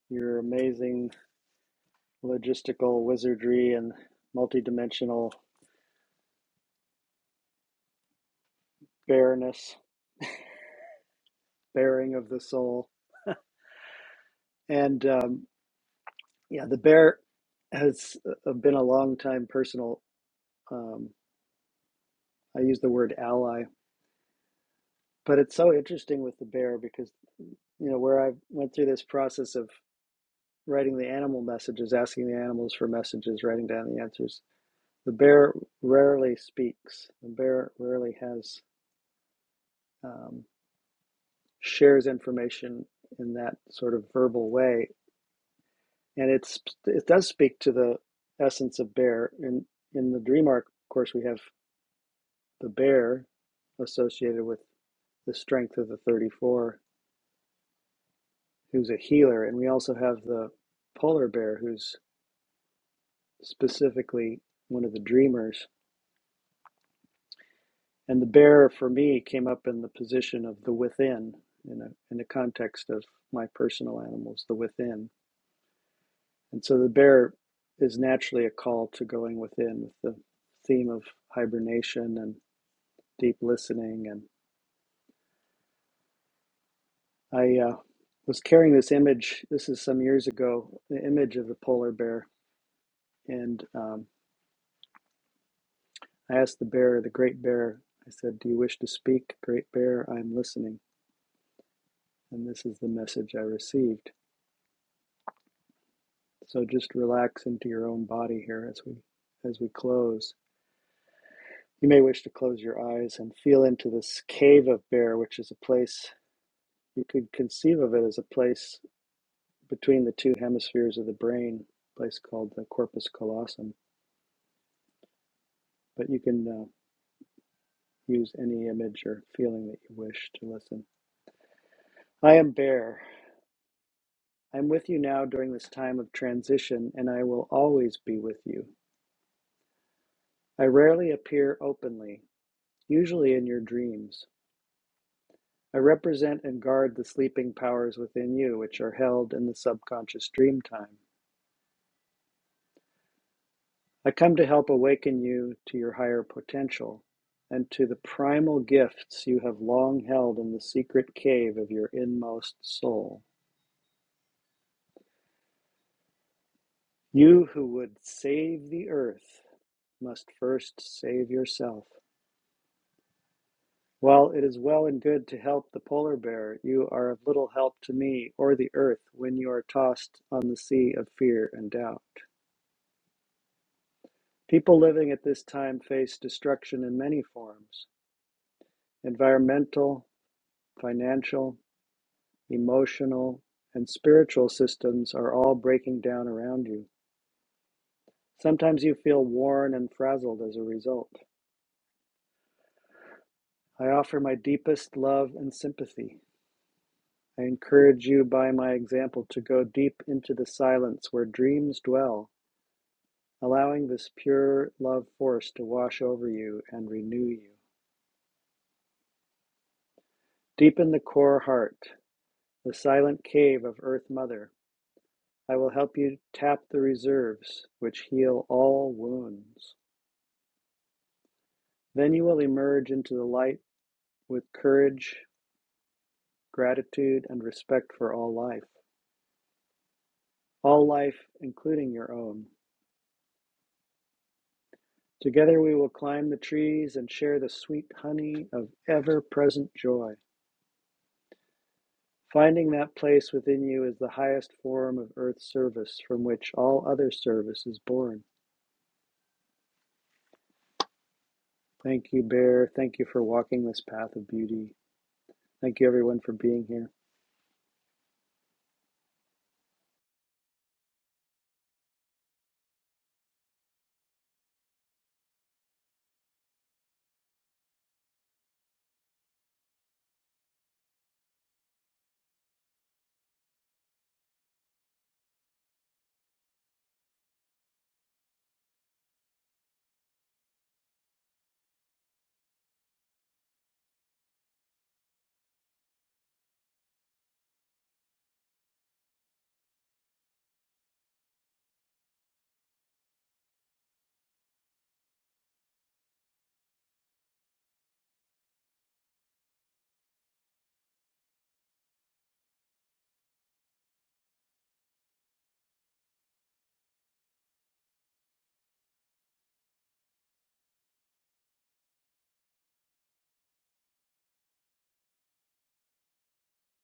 [SPEAKER 2] your amazing logistical wizardry and multidimensional bareness, bearing of the soul. And um, yeah, the bear has uh, been a long time personal. Um, I use the word ally, but it's so interesting with the bear because you know where I went through this process of writing the animal messages, asking the animals for messages, writing down the answers. The bear rarely speaks. The bear rarely has. um, shares information in that sort of verbal way, and it's it does speak to the essence of bear. In in the dream arc, of course, we have the bear associated with the strength of the 34, who's a healer, and we also have the polar bear, who's specifically one of the dreamers. And the bear for me came up in the position of the within, in a in the context of my personal animals, the within And so the bear is naturally a call to going within with the theme of hibernation and deep listening. And I uh, was carrying this image, this is some years ago, the image of the polar bear. And um, I asked the bear, the great bear, I said, Do you wish to speak, great bear? I'm listening. And this is the message I received. So just relax into your own body here as we as we close. You may wish to close your eyes and feel into this cave of bear, which is a place You could conceive of it as a place between the two hemispheres of the brain, a place called the corpus callosum. But you can uh, use any image or feeling that you wish to listen. I am Bear. I'm with you now during this time of transition, and I will always be with you. I rarely appear openly, usually in your dreams. I represent and guard the sleeping powers within you, which are held in the subconscious dream time. I come to help awaken you to your higher potential and to the primal gifts you have long held in the secret cave of your inmost soul. You who would save the earth must first save yourself. While it is well and good to help the polar bear, you are of little help to me or the earth when you are tossed on the sea of fear and doubt. People living at this time face destruction in many forms environmental, financial, emotional, and spiritual systems are all breaking down around you. Sometimes you feel worn and frazzled as a result. I offer my deepest love and sympathy. I encourage you by my example to go deep into the silence where dreams dwell, allowing this pure love force to wash over you and renew you. Deep in the core heart, the silent cave of Earth Mother, I will help you tap the reserves which heal all wounds. Then you will emerge into the light with courage, gratitude, and respect for all life, all life, including your own. Together we will climb the trees and share the sweet honey of ever present joy. Finding that place within you is the highest form of earth service from which all other service is born. Thank you, Bear. Thank you for walking this path of beauty. Thank you, everyone, for being here.